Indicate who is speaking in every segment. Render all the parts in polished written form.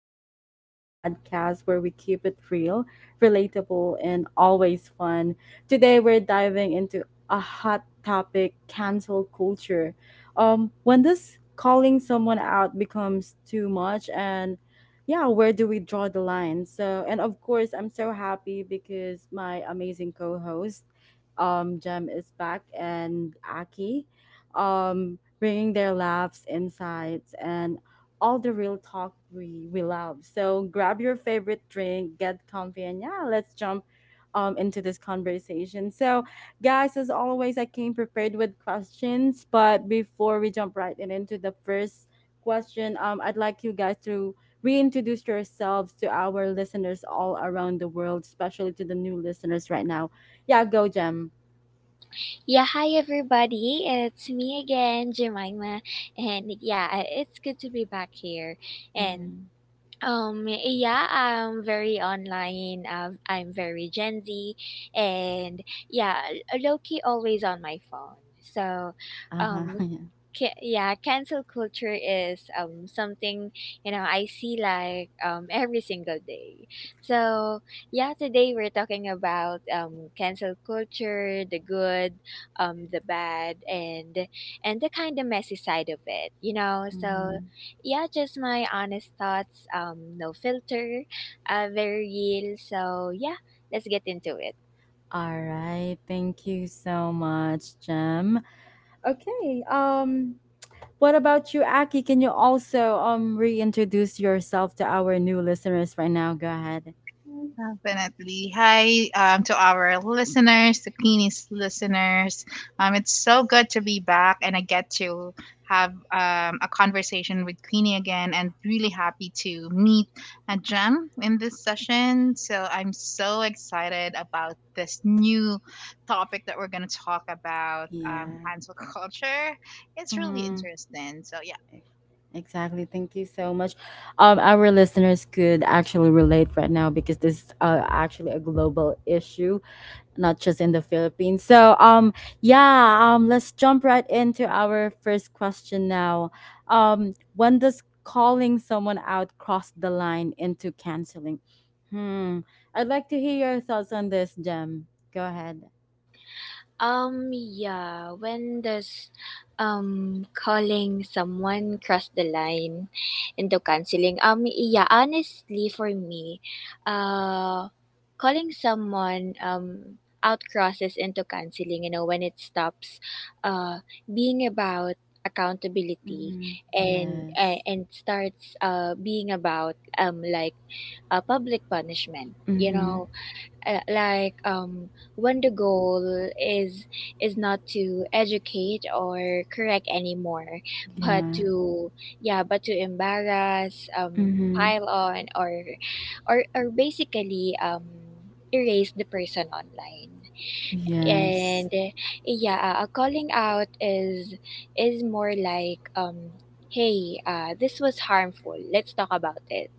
Speaker 1: Queenie, the podcast where we keep it real, relatable, and always fun. Today we're diving into a hot topic, cancel culture. When this calling someone out becomes too much, and yeah, where do we draw the line? And of course, I'm so happy because my amazing co host, Jem, is back and Aki, bringing their laughs, insights, and all the real talk we love. So grab your favorite drink, get comfy, and yeah, let's jump into this conversation. So, guys, as always, I came prepared with questions, but before we jump right in into the first question, I'd like you guys to reintroduce yourselves to our listeners all around the world, especially to the new listeners right now. Yeah, go, Jem.
Speaker 2: Yeah, hi everybody. It's me again, Jemima. And yeah, it's good to be back here. And
Speaker 1: Hmm.
Speaker 2: yeah, I'm very online. I'm very Gen Z and yeah, low key always on my phone. So
Speaker 1: Uh huh.
Speaker 2: um ca- yeah cancel culture is something, you know, I see, like, every single day. So yeah, today we're talking about cancel culture, the good, the bad, and the kind of messy side of it.
Speaker 1: Yeah.
Speaker 2: So yeah, just my honest thoughts, no filter, very real. So yeah, let's get into it.
Speaker 1: All right. Thank you so much, Jem. Okay. What about you, Aki? Can you also reintroduce yourself to our new listeners right now? Go ahead.
Speaker 3: Definitely. Hi to our listeners, to Queenie's listeners. It's so good to be back, and I get to have a conversation with Queenie again, and really happy to meet a gem in this session. So I'm so excited about this new topic that we're going to talk about
Speaker 1: Yeah.
Speaker 3: cancel culture. It's really
Speaker 1: Mhm.
Speaker 3: interesting. So, yeah.
Speaker 1: Exactly. Thank you so much. Our listeners could actually relate right now because this is actually a global issue, not just in the Philippines. So, yeah, let's jump right into our first question now. When does calling someone out cross the line into canceling? Hmm. I'd like to hear your thoughts on this, Jem. Go ahead.
Speaker 2: Yeah, when does calling someone cross the line into canceling? Yeah, honestly for me, uh calling someone out crosses into canceling, you know, when it stops being about accountability,
Speaker 1: Mm-hmm.
Speaker 2: and uh,
Speaker 1: Yes.
Speaker 2: and starts being about, like, a public punishment, you
Speaker 1: Mm-hmm.
Speaker 2: know. Like, when the goal is is not to educate or correct anymore, but
Speaker 1: Yeah.
Speaker 2: to embarrass
Speaker 1: Mm-hmm.
Speaker 2: pile on, or basically erase the person online.
Speaker 1: Yes.
Speaker 2: And uh, yeah uh, calling out is more like, hey, this was harmful, let's talk about it.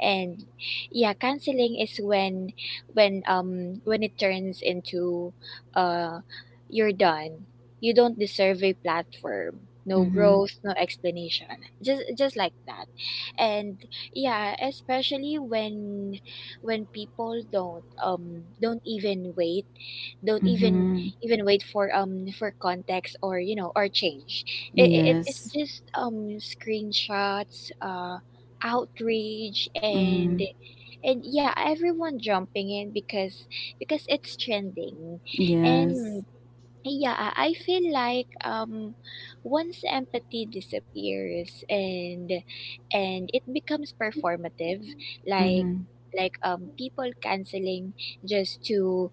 Speaker 2: And yeah canceling is when, when it turns into, uh you're done. You don't deserve a platform, no growth, no explanation, just like that. And yeah especially when people don't even wait don't even
Speaker 1: Mm-hmm.
Speaker 2: even wait for context or you know or change. It's
Speaker 1: Yes.
Speaker 2: just, screenshots, outrage,
Speaker 1: Mm-hmm.
Speaker 2: and everyone jumping in because it's trending.
Speaker 1: Yes.
Speaker 2: And I feel like, once empathy disappears and it becomes performative, like,
Speaker 1: Mm-hmm.
Speaker 2: like people canceling just to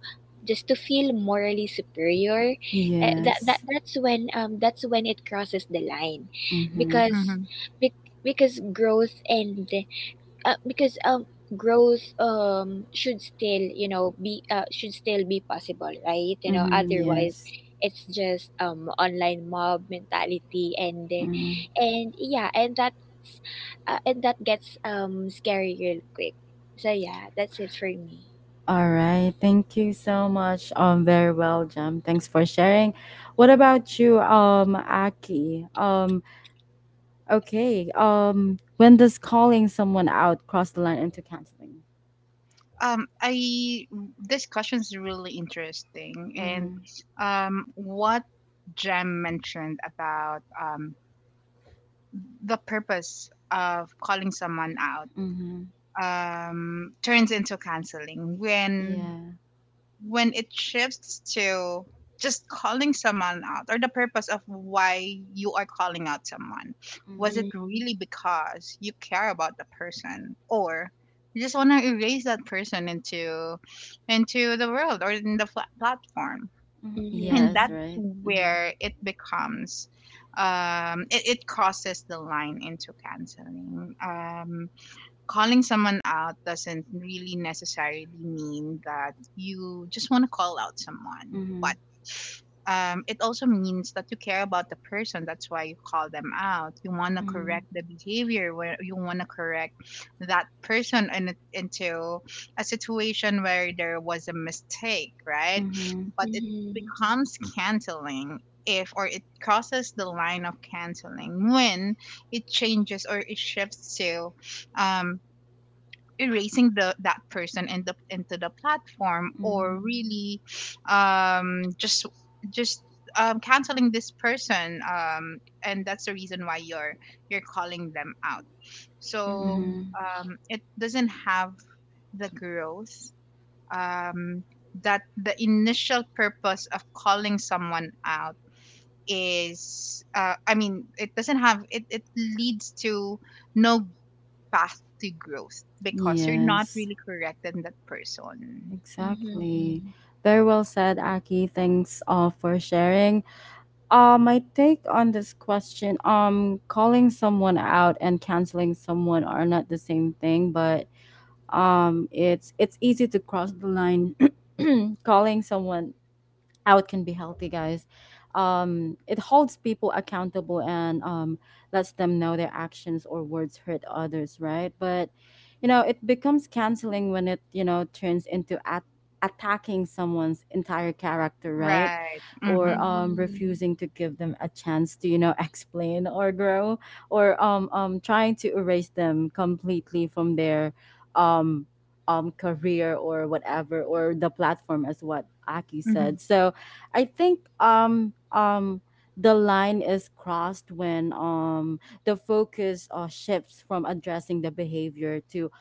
Speaker 2: just to feel morally superior. eh, that, that
Speaker 1: Yes.
Speaker 2: that's when um that's when it crosses the line,
Speaker 1: Mm-hmm.
Speaker 2: because
Speaker 3: Mm-hmm.
Speaker 2: bec- because growth, uh, because um should still, you know, be should still be possible, right, you know.
Speaker 1: Mm-hmm.
Speaker 2: Otherwise
Speaker 1: Yes.
Speaker 2: it's just, online mob mentality,
Speaker 1: Mm-hmm.
Speaker 2: and yeah and that's and that gets, scary real quick. So yeah, that's it for me.
Speaker 1: Right. Thank you so much. Very well, Jem. Thanks for sharing. What about you, Aki? Okay. When does calling someone out cross the line into canceling?
Speaker 3: I This question is really interesting, and
Speaker 1: Mm-hmm.
Speaker 3: what Jem mentioned about the purpose of calling someone out
Speaker 1: Mm-hmm.
Speaker 3: turns into canceling when
Speaker 1: Yeah.
Speaker 3: it shifts to just calling someone out, or the purpose of why you are calling out someone.
Speaker 1: Mm-hmm.
Speaker 3: Was it
Speaker 2: Mm-hmm.
Speaker 3: really because you care about the person, or you just want to erase that person into the world, or in the flat platform? And
Speaker 1: Yes.
Speaker 3: that's
Speaker 2: Mm-hmm.
Speaker 1: Right. Mm-hmm.
Speaker 3: where it becomes it, it crosses the line into canceling. Calling someone out doesn't really necessarily mean that you just want to call out someone,
Speaker 1: Mm-hmm.
Speaker 3: but it also means that you care about the person. That's why you call them out. You want to
Speaker 1: Mm-hmm.
Speaker 3: correct the behavior, where you want to correct that person into a situation where there was a mistake, right?
Speaker 1: Mm-hmm.
Speaker 3: But it
Speaker 2: Mm-hmm. Mm-hmm.
Speaker 3: becomes canceling if, or it crosses the line of canceling, when it changes or it shifts to um, erasing the that person in the, into the platform, or
Speaker 1: Mm-hmm.
Speaker 3: really um, just just canceling this person. And that's the reason why you're calling them out. So
Speaker 1: Mm-hmm.
Speaker 3: it doesn't have the growth um, that the initial purpose of calling someone out is. I mean, it doesn't have it, it leads to no path to growth because you're not
Speaker 1: Yes,
Speaker 3: really correcting that person.
Speaker 1: exactly.
Speaker 2: Mm-hmm.
Speaker 1: Very well said, Aki. Thanks for sharing. My take on this question, calling someone out and canceling someone are not the same thing, but it's easy to cross the line. Calling someone out can be healthy, guys. Um, it holds people accountable, and um, lets them know their actions or words hurt others, right? But you know, it becomes canceling when it, you know, turns into attacking someone's entire character, right?
Speaker 3: Right.
Speaker 1: Or
Speaker 3: Mhm.
Speaker 1: um,
Speaker 2: Mm-hmm.
Speaker 1: refusing to give them a chance to, you know, explain or grow, or trying to erase them completely from their um, career or whatever, or the platform, as what Aki
Speaker 3: Mhm.
Speaker 1: said. So I think the line is crossed when um, the focus shifts from addressing the behavior to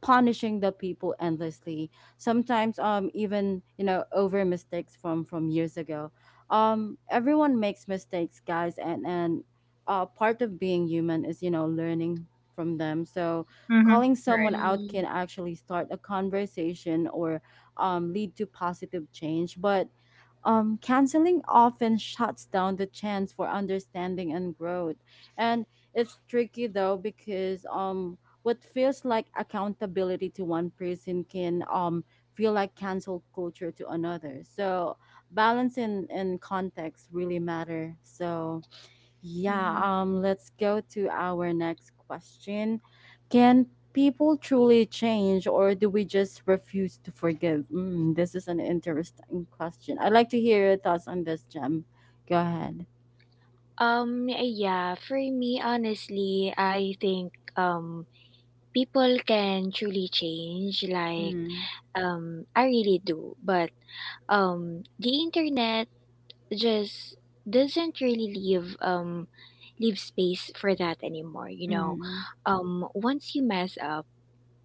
Speaker 1: punishing the people endlessly. Sometimes um, even, you know, over mistakes from years ago. Um, everyone makes mistakes, guys, and part of being human is, you know, learning from them. So
Speaker 3: Mhm.
Speaker 1: calling someone
Speaker 3: Right.
Speaker 1: out can actually start a conversation, or um, lead to positive change, but canceling often shuts down the chance for understanding and growth. And it's tricky though, because what feels like accountability to one person can feel like cancel culture to another. So balance and context really matter. So yeah,
Speaker 2: Mm-hmm.
Speaker 1: let's go to our next question. Can people truly change, or do we just refuse to forgive? Mm, this is an interesting question. I'd like to hear your thoughts on this, Gem. Go ahead.
Speaker 2: Yeah, for me honestly, I think, people can truly change. Like,
Speaker 1: Mm.
Speaker 2: I really do. But, the internet just doesn't really leave space for that anymore, you know.
Speaker 1: Mm.
Speaker 2: Once you mess up,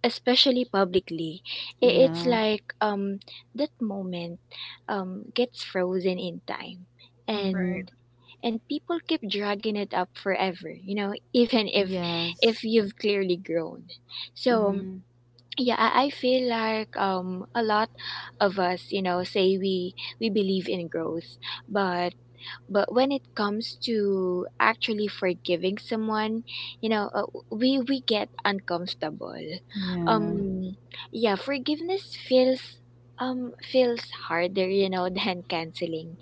Speaker 2: especially publicly, it's
Speaker 1: Yeah.
Speaker 2: like, that moment, gets frozen in time,
Speaker 1: Mm-hmm.
Speaker 3: Right.
Speaker 2: and and people keep dragging it up forever, you know, even if
Speaker 1: Yes.
Speaker 2: if you've clearly grown. So
Speaker 1: Mm-hmm.
Speaker 2: yeah, I feel like, a lot of us, you know, say we believe in growth, but but when it comes to actually forgiving someone, you know, we get uncomfortable.
Speaker 1: Yeah.
Speaker 2: Um, yeah, forgiveness feels harder, you know, than canceling,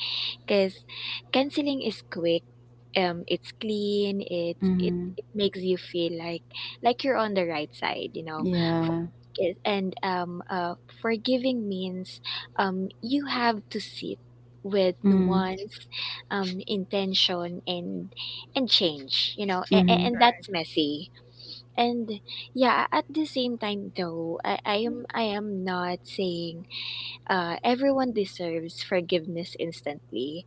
Speaker 2: because canceling is quick. It's clean. It's it
Speaker 1: Mm-hmm.
Speaker 2: it makes you feel, like you're on the right side, you know.
Speaker 1: Yeah.
Speaker 2: Is- and Forgiving means, you have to sit with
Speaker 1: Mm.
Speaker 2: nuance, intention, and change, you know, and,
Speaker 1: Mm-hmm.
Speaker 2: and
Speaker 3: Right.
Speaker 2: that's messy. And yeah at the same time though, I am not saying everyone deserves forgiveness instantly.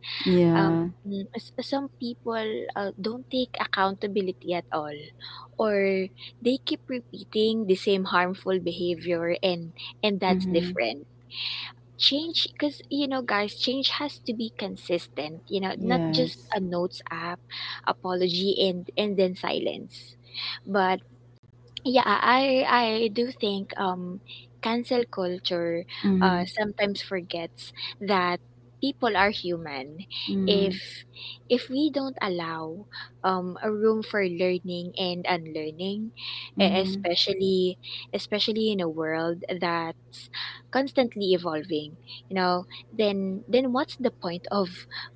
Speaker 2: um
Speaker 1: Yeah.
Speaker 2: some people, don't take accountability at all, or they keep repeating the same harmful behavior, and that's
Speaker 1: Mm-hmm.
Speaker 2: different. Change, because, you know, guys, change has to be consistent, you know, not just
Speaker 1: Yes.
Speaker 2: a notes app apology and then silence. But yeah, I do think, cancel culture,
Speaker 1: Mm-hmm.
Speaker 2: sometimes forgets that people are human. If
Speaker 1: Mm-hmm.
Speaker 2: if we don't allow, a room for learning and unlearning, e-
Speaker 1: Mm-hmm.
Speaker 2: especially especially in a world that's constantly evolving, you know, then what's the point of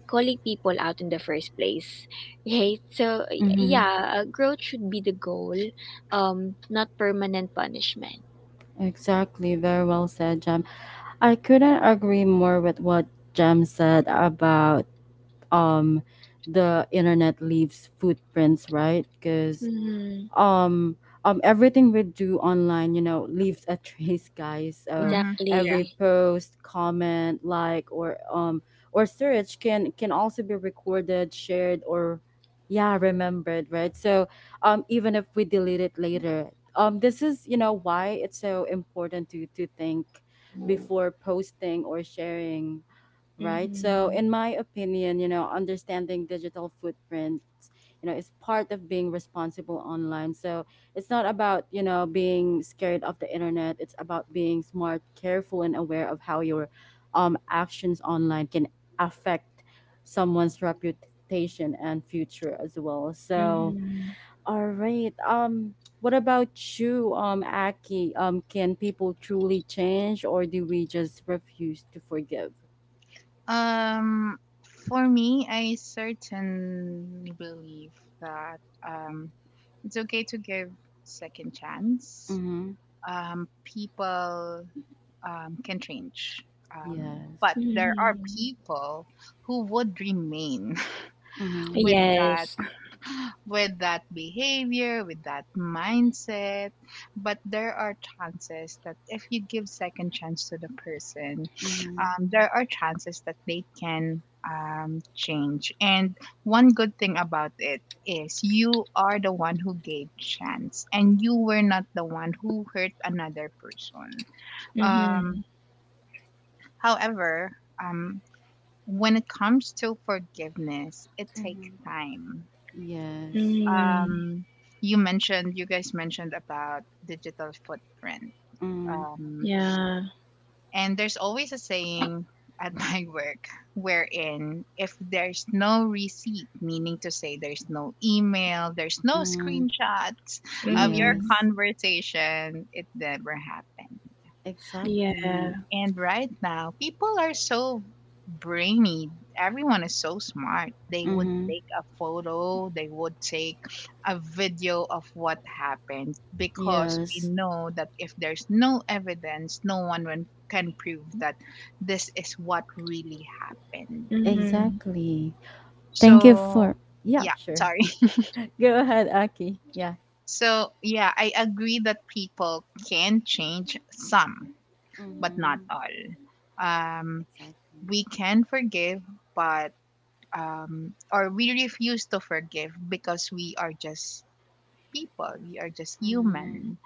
Speaker 2: calling people out in the first place? Right? So y-
Speaker 1: Mm-hmm.
Speaker 2: yeah, uh, growth should be the goal, not permanent punishment.
Speaker 1: Exactly, very well said, Jam. I couldn't agree more with what Jam said about um, the internet leaves footprints, right? Because
Speaker 2: Mm-hmm.
Speaker 1: um everything we do online, you know, leaves a trace, guys. So
Speaker 3: Mhm. Yeah.
Speaker 1: every
Speaker 2: Exactly.
Speaker 1: post, comment, like, or um, or search can also be recorded, shared, or yeah, remembered, right? So um, even if we delete it later, um, this is, you know, why it's so important to think before posting or sharing, right? So,
Speaker 2: Mm-hmm.
Speaker 1: in my opinion, you know, understanding digital footprints, you know, is part of being responsible online. So, it's not about, you know, being scared of the internet. It's about being smart, careful, and aware of how your actions online can affect someone's reputation and future as well. So,
Speaker 2: Mm-hmm.
Speaker 1: all right. What about you, Aki? Can people truly change, or do we just refuse to forgive?
Speaker 3: Um for me, I certainly believe that um it's okay to give second chance.
Speaker 1: Mm-hmm.
Speaker 3: People can change.
Speaker 1: Yes.
Speaker 3: But there are
Speaker 2: Mm-hmm.
Speaker 3: people who would remain
Speaker 1: Mm-hmm.
Speaker 3: with that
Speaker 2: Yes.
Speaker 3: with that behavior, with that mindset. But there are chances that if you give second chance to the person,
Speaker 1: Mm-hmm.
Speaker 3: there are chances that they can change. And one good thing about it is you are the one who gave chance, and you were not the one who hurt another person.
Speaker 2: Mm-hmm.
Speaker 3: Um, however, um, when it comes to forgiveness, it takes
Speaker 1: Mm-hmm.
Speaker 3: time.
Speaker 1: Yes.
Speaker 2: Mm-hmm.
Speaker 3: um, you mentioned, you guys mentioned about digital footprint.
Speaker 1: Mm-hmm.
Speaker 3: Um,
Speaker 2: Yeah.
Speaker 3: and there's always a saying at my work wherein if there's no receipt, meaning to say there's no email, there's no
Speaker 1: Mm-hmm.
Speaker 3: screenshots of your
Speaker 2: Mm-hmm.
Speaker 1: Yes.
Speaker 3: conversation, it never happened.
Speaker 2: Yeah.
Speaker 1: Exactly.
Speaker 3: And right now, people are so brainy. Everyone is so smart. They would
Speaker 1: Mm-hmm.
Speaker 3: take a photo, they would take a video of what happened, because we
Speaker 1: Yes.
Speaker 3: know that if there's no evidence, no one can prove that this is what really happened.
Speaker 2: Mm-hmm.
Speaker 1: Exactly. Thank you
Speaker 3: So,
Speaker 1: for. Yeah,
Speaker 3: yeah,
Speaker 1: sure.
Speaker 3: sorry.
Speaker 1: Go ahead, Aki. Yeah.
Speaker 3: So, yeah, I agree that people can change some, but not
Speaker 1: Mm-hmm.
Speaker 3: all.
Speaker 1: Exactly.
Speaker 3: We can forgive, but or we really refuse to forgive because we are just people. We are just
Speaker 1: Mm-hmm.
Speaker 3: human,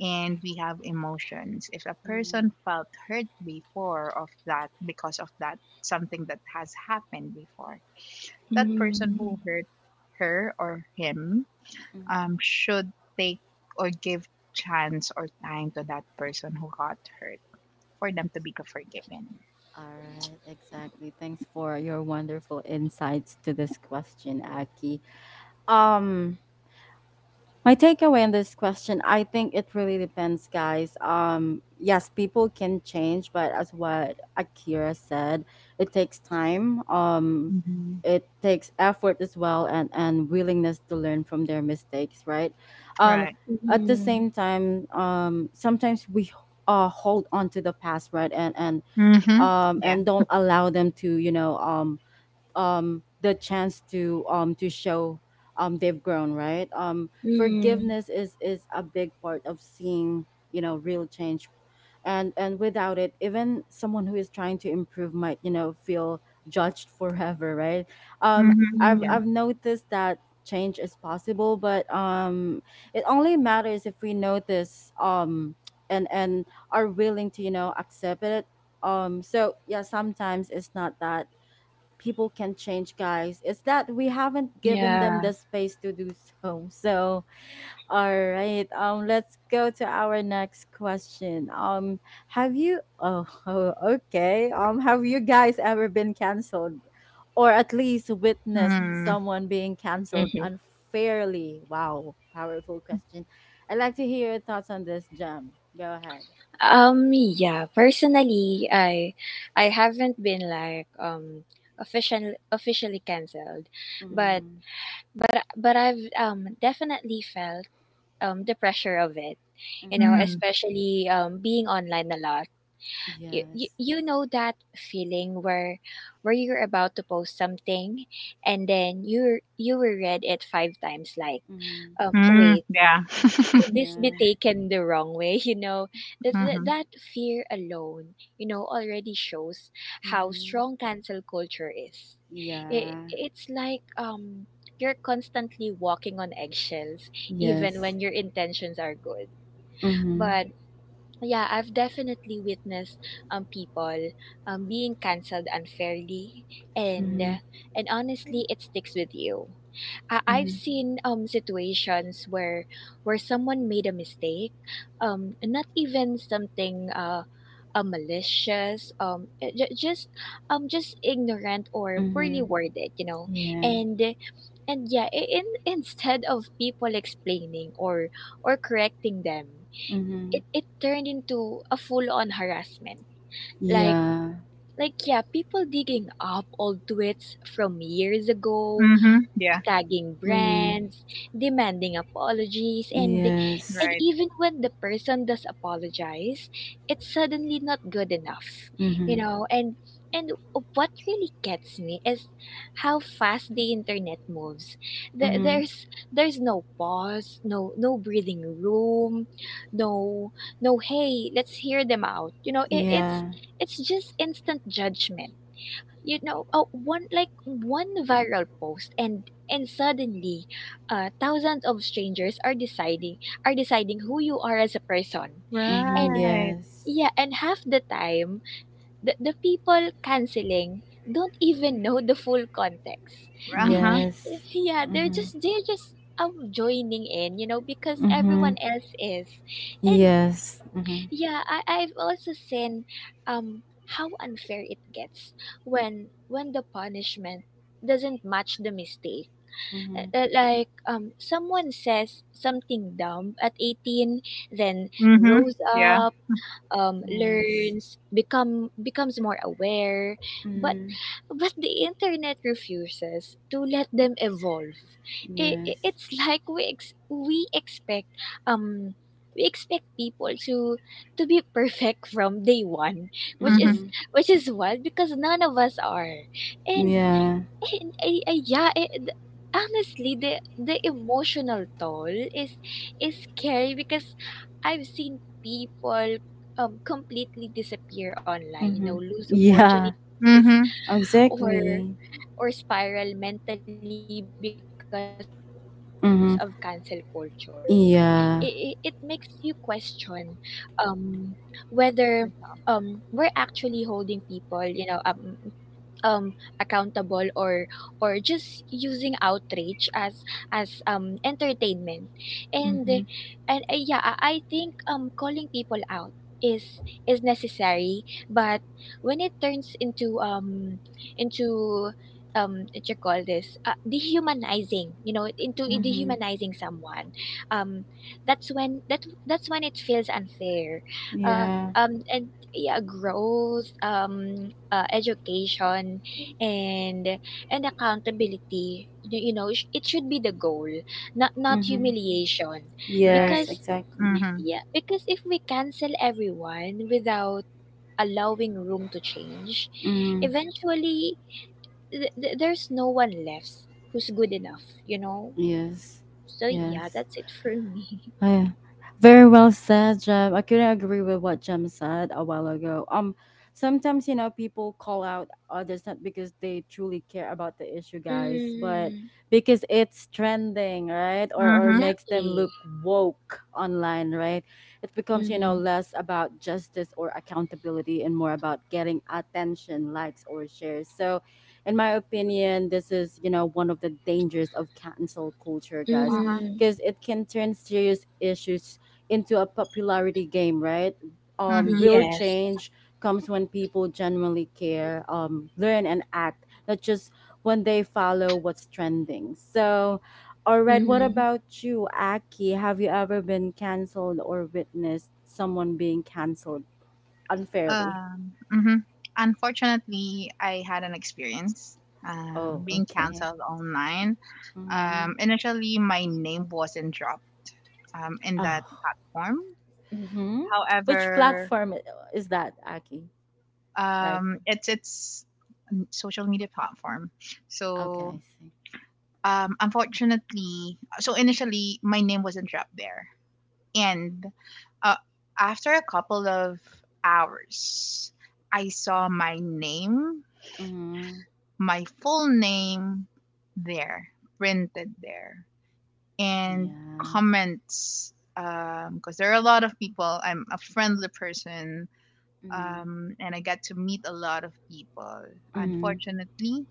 Speaker 3: and we have emotions. If a
Speaker 1: Mm-hmm.
Speaker 3: person felt hurt before of that, because of that, something that has happened before, that person
Speaker 2: Mm-hmm.
Speaker 3: who hurt her or him
Speaker 1: Mm-hmm.
Speaker 3: should take or give chance or time to that person who got hurt for them to be forgiven.
Speaker 1: All right. Exactly. Thanks for your wonderful insights to this question, Aki. Um, My takeaway on this question, I think it really depends, guys. Yes, people can change, but as what Akira said, it takes time.
Speaker 3: Mm-hmm.
Speaker 1: It takes effort as well, and willingness to learn from their mistakes, right? Um,
Speaker 3: Right.
Speaker 1: at the
Speaker 2: Mm-hmm.
Speaker 1: same time, sometimes we hold on to the past, right, and and
Speaker 3: Mm-hmm.
Speaker 1: um
Speaker 3: Yeah.
Speaker 1: and don't allow them to, you know, um, the chance to show they've grown, right? Forgiveness is a big part of seeing, you know, real change, and without it, even someone who is trying to improve might, you know, feel judged forever, right? Um,
Speaker 3: Mm-hmm.
Speaker 1: I've
Speaker 3: Yeah.
Speaker 2: Mm-hmm.
Speaker 1: I've noticed that change is possible, but it only matters if we notice and are willing to, you know, accept it. So yeah, sometimes it's not that people can change, guys, it's that we haven't given them
Speaker 2: Yeah.
Speaker 1: the space to do so. So all right, um, let's go to our next question. Um, have you oh, oh, okay, um, have you guys ever been canceled, or at least witnessed
Speaker 3: Mm-hmm.
Speaker 1: someone being canceled
Speaker 2: Mm-hmm.
Speaker 1: unfairly? Wow, powerful question. I'd like to hear your thoughts on this, Jam. Go ahead.
Speaker 2: Yeah, personally, I haven't been, like, officially canceled, but
Speaker 1: Mm.
Speaker 2: but I've, definitely felt, the pressure of it. You know,
Speaker 1: Mm.
Speaker 2: especially, being online a lot. You, you,
Speaker 1: Yes.
Speaker 2: you know that feeling where you're about to post something, and then you reread it five times, like,
Speaker 1: Mm.
Speaker 3: Mm,
Speaker 2: wait,
Speaker 3: yeah.
Speaker 2: could this be
Speaker 1: Yeah.
Speaker 2: taken the wrong way? You know, that, that,
Speaker 3: Mhm.
Speaker 2: that fear alone, you know, already shows how
Speaker 1: Mm-hmm.
Speaker 2: strong cancel culture is. It,
Speaker 1: Yeah.
Speaker 2: it's like, you're constantly walking on eggshells,
Speaker 1: Yes.
Speaker 2: even when your intentions are good.
Speaker 1: Mhm.
Speaker 2: But yeah, I've definitely witnessed, people, being cancelled unfairly, and
Speaker 1: Mhm.
Speaker 2: uh, and honestly, it sticks with you. I've
Speaker 1: Mhm.
Speaker 2: seen, situations where someone made a mistake, not even something, malicious, just ignorant or poorly
Speaker 1: Mhm.
Speaker 2: worded, you know.
Speaker 1: Yeah.
Speaker 2: And and yeah I- in instead of people explaining, or correcting them,
Speaker 1: Mhm.
Speaker 2: it turned into a full on harassment. like
Speaker 1: Yeah.
Speaker 2: like yeah people digging up old tweets from years ago,
Speaker 3: Mhm. Yeah.
Speaker 2: tagging
Speaker 1: Mhm.
Speaker 2: brands, demanding apologies, and
Speaker 1: Yes.
Speaker 2: and
Speaker 3: Right.
Speaker 2: even when the person does apologize, it's suddenly not good enough. You
Speaker 1: Mhm.
Speaker 2: know, and what really gets me is how fast the internet moves. There,
Speaker 1: Mhm.
Speaker 2: there's there's no pause, no breathing room, no no hey, let's hear them out. You know, it, it's
Speaker 1: Yeah.
Speaker 2: it's just instant judgment, you know. Oh, one viral post, and suddenly, thousands of strangers are deciding who you are as a person.
Speaker 1: Mhm.
Speaker 2: and
Speaker 3: Right.
Speaker 1: Yes.
Speaker 2: yeah and half the time, the people canceling don't even know the full context.
Speaker 3: Uh
Speaker 2: They
Speaker 3: huh.
Speaker 1: Yes.
Speaker 2: yeah they're
Speaker 1: Mhm.
Speaker 2: just they're just joining in, you know, because
Speaker 1: Mhm.
Speaker 2: everyone else is. and
Speaker 1: Yes. Mhm.
Speaker 2: yeah, I, I've also seen, um how unfair it gets when the punishment doesn't match the mistake.
Speaker 1: Mhm.
Speaker 2: Like, someone says something dumb at 18, then
Speaker 3: Mhm.
Speaker 2: grows
Speaker 3: Yeah.
Speaker 2: up,
Speaker 1: Yes.
Speaker 2: learns, becomes more aware, but
Speaker 1: Mhm.
Speaker 2: but the internet refuses to let them evolve. I- i-
Speaker 1: Yes.
Speaker 2: It's like um we expect people to be perfect from day one, which
Speaker 3: Mhm.
Speaker 2: is
Speaker 1: Mhm.
Speaker 2: which is wild because none of us are. And,
Speaker 1: Yeah.
Speaker 2: and, eh, eh, yeah, eh, th- Honestly, the emotional toll is scary because I've seen people, completely disappear online, you
Speaker 1: Mhm.
Speaker 2: know, lose
Speaker 1: Yeah.
Speaker 2: opportunities,
Speaker 3: Mhm.
Speaker 1: Exactly.
Speaker 2: or spiral mentally because of cancel culture. It,
Speaker 1: Mhm.
Speaker 2: it, it makes you question,
Speaker 1: Yeah.
Speaker 2: um, whether, we're actually holding people, you know, um accountable, or just using outrage as entertainment. and and uh, yeah i
Speaker 1: Mhm.
Speaker 2: I think, calling people out is is necessary, but when it turns into, into what you call this, dehumanizing, you know, into dehumanizing
Speaker 1: Mhm.
Speaker 2: someone, um that's when that that's when it feels unfair. uh
Speaker 1: Yeah.
Speaker 2: and yeah growth, education, and and accountability, it should be the goal, not
Speaker 1: Mhm.
Speaker 2: humiliation,
Speaker 1: Yes,
Speaker 3: Right.
Speaker 2: because
Speaker 1: exactly.
Speaker 3: Mhm.
Speaker 2: yeah because if we cancel everyone without allowing room to change,
Speaker 1: Mm,
Speaker 2: eventually there's no one left who's good enough, you know.
Speaker 1: yes,
Speaker 2: So
Speaker 1: yes.
Speaker 2: yeah, that's it for me.
Speaker 1: Oh, yeah. Very well said, Jem. I couldn't agree with what Jem said a while ago. Sometimes, you know, people call out others not because they truly care about the issue, guys, but
Speaker 2: Mm,
Speaker 1: because it's trending, right? Or
Speaker 3: Mhm.
Speaker 1: makes them
Speaker 2: exactly.
Speaker 1: look woke online, right? It becomes, you know,
Speaker 2: Mm-hmm.
Speaker 1: less about justice or accountability and more about getting attention, likes, or shares. So, in my opinion, this is, you know, one of the dangers of cancel culture, guys,
Speaker 3: Uh huh.
Speaker 2: Mm-hmm.
Speaker 1: because it can turn serious issues into a popularity game, right?
Speaker 3: Mhm.
Speaker 1: Real
Speaker 2: Yes.
Speaker 1: change comes when people genuinely care, learn and act, not just when they follow what's trending. So, all right, what
Speaker 2: Mm-hmm.
Speaker 1: about you, Aki? Have you ever been canceled or witnessed someone being canceled unfairly?
Speaker 3: Mhm. Unfortunately, I had an experience
Speaker 1: Oh,
Speaker 3: being
Speaker 1: okay.
Speaker 3: canceled online.
Speaker 1: Mm-hmm.
Speaker 3: Initially, my name wasn't dropped in that
Speaker 1: Oh.
Speaker 3: platform.
Speaker 1: Mm-hmm. Which
Speaker 3: However,
Speaker 1: platform is that, Aki? Like,
Speaker 3: it's social media platform,
Speaker 1: okay,
Speaker 3: so
Speaker 1: I see.
Speaker 3: unfortunately, so initially my name wasn't dropped there, and uh, after a couple of hours, I saw my name,
Speaker 1: Mm-hmm.
Speaker 3: my full name, there, printed there, and
Speaker 1: Yeah.
Speaker 3: comments, because there are a lot of people. I'm a friendly person,
Speaker 1: Mm.
Speaker 3: and I get to meet a lot of people.
Speaker 1: Mm.
Speaker 3: Unfortunately,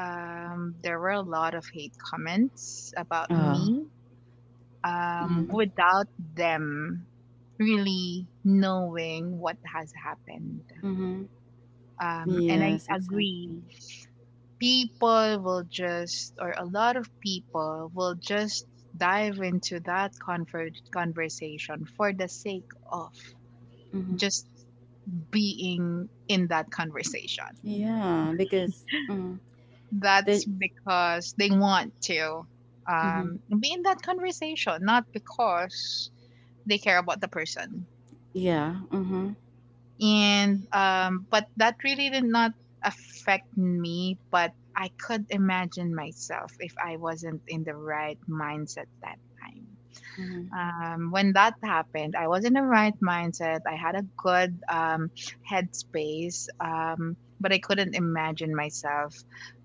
Speaker 3: there were a lot of hate comments about
Speaker 1: Oh.
Speaker 3: me
Speaker 1: Mm.
Speaker 3: without them really knowing what has happened.
Speaker 1: Mm.
Speaker 3: And I
Speaker 1: Yes,
Speaker 3: agree,
Speaker 1: exactly.
Speaker 3: people will just, or a lot of people will just dive into that conversation for the sake of
Speaker 1: Mm.
Speaker 3: just being in that conversation.
Speaker 1: Yeah, because mm, the
Speaker 3: That's because they want to
Speaker 1: mm.
Speaker 3: be in that conversation, not because they care about the person.
Speaker 1: Yeah. Mm.
Speaker 3: And but that really did not affect me, but I could imagine myself if I wasn't in the right mindset that time.
Speaker 1: Mm.
Speaker 3: When that happened, I was in the right mindset. I had a good headspace, but I couldn't imagine myself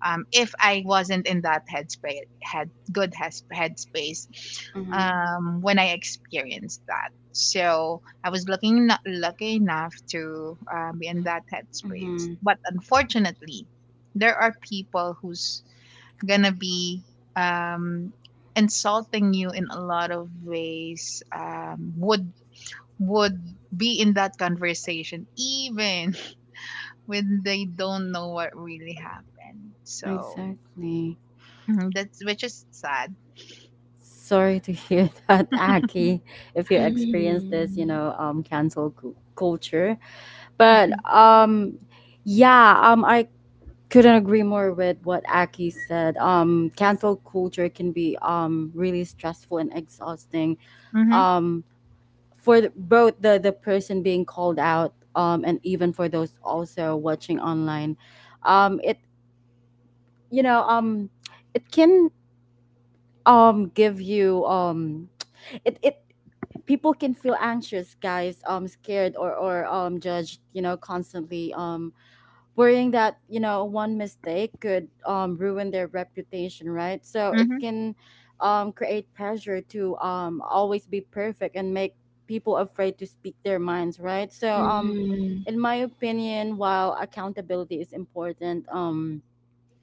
Speaker 3: if I wasn't in that headspace, had good headspace
Speaker 1: Mm.
Speaker 3: when I experienced that. So I was looking lucky enough to be in that headspace,
Speaker 1: Mm.
Speaker 3: but unfortunately, there are people who's gonna be um, insulting you in a lot of ways. Would would be in that conversation even when they don't know what really happened. So
Speaker 1: Exactly.
Speaker 3: mhm, that's which is sad.
Speaker 1: Sorry to hear that, Aki. If you experience this, you
Speaker 2: Mhm,
Speaker 1: know, cancel culture. But
Speaker 3: Mm-hmm,
Speaker 1: yeah. I couldn't agree more with what Aki said. Cancel culture can be um, really stressful and exhausting.
Speaker 3: mm-hmm.
Speaker 1: Um, for the, both the person being called out, and even for those also watching online, it, you know, it can um, give you it people can feel anxious, guys, um, scared or um, judged, you know, constantly um, worrying that, you know, one mistake could ruin their reputation, right? So it can create pressure to always be perfect and make people afraid to speak their minds, right? So
Speaker 2: mhm.
Speaker 1: in my opinion, while accountability is important,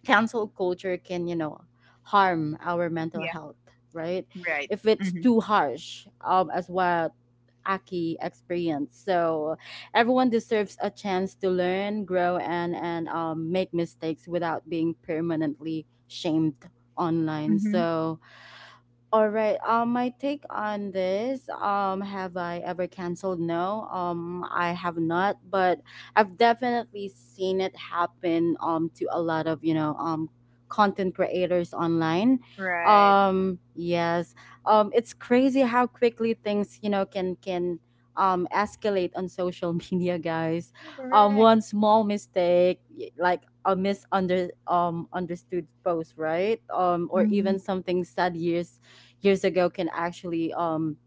Speaker 1: cancel culture can, you know, harm our mental
Speaker 3: Yeah.
Speaker 1: health, right?
Speaker 3: Right.
Speaker 1: If it's
Speaker 3: Mm-hmm,
Speaker 1: too harsh, as what Aki experienced. So everyone deserves a chance to learn, grow, and make mistakes without being permanently shamed online.
Speaker 3: mm-hmm.
Speaker 1: So all right. My take on this. Have I ever canceled? No. I have not, but I've definitely seen it happen. To a lot of, you know, um, content creators online.
Speaker 3: Right.
Speaker 1: Yes. It's crazy how quickly things, you know, can um, escalate on social media, guys.
Speaker 3: Correct.
Speaker 1: One small mistake, like a misunder um, understood post, right? Or
Speaker 3: Mm-hmm,
Speaker 1: even something said years ago can actually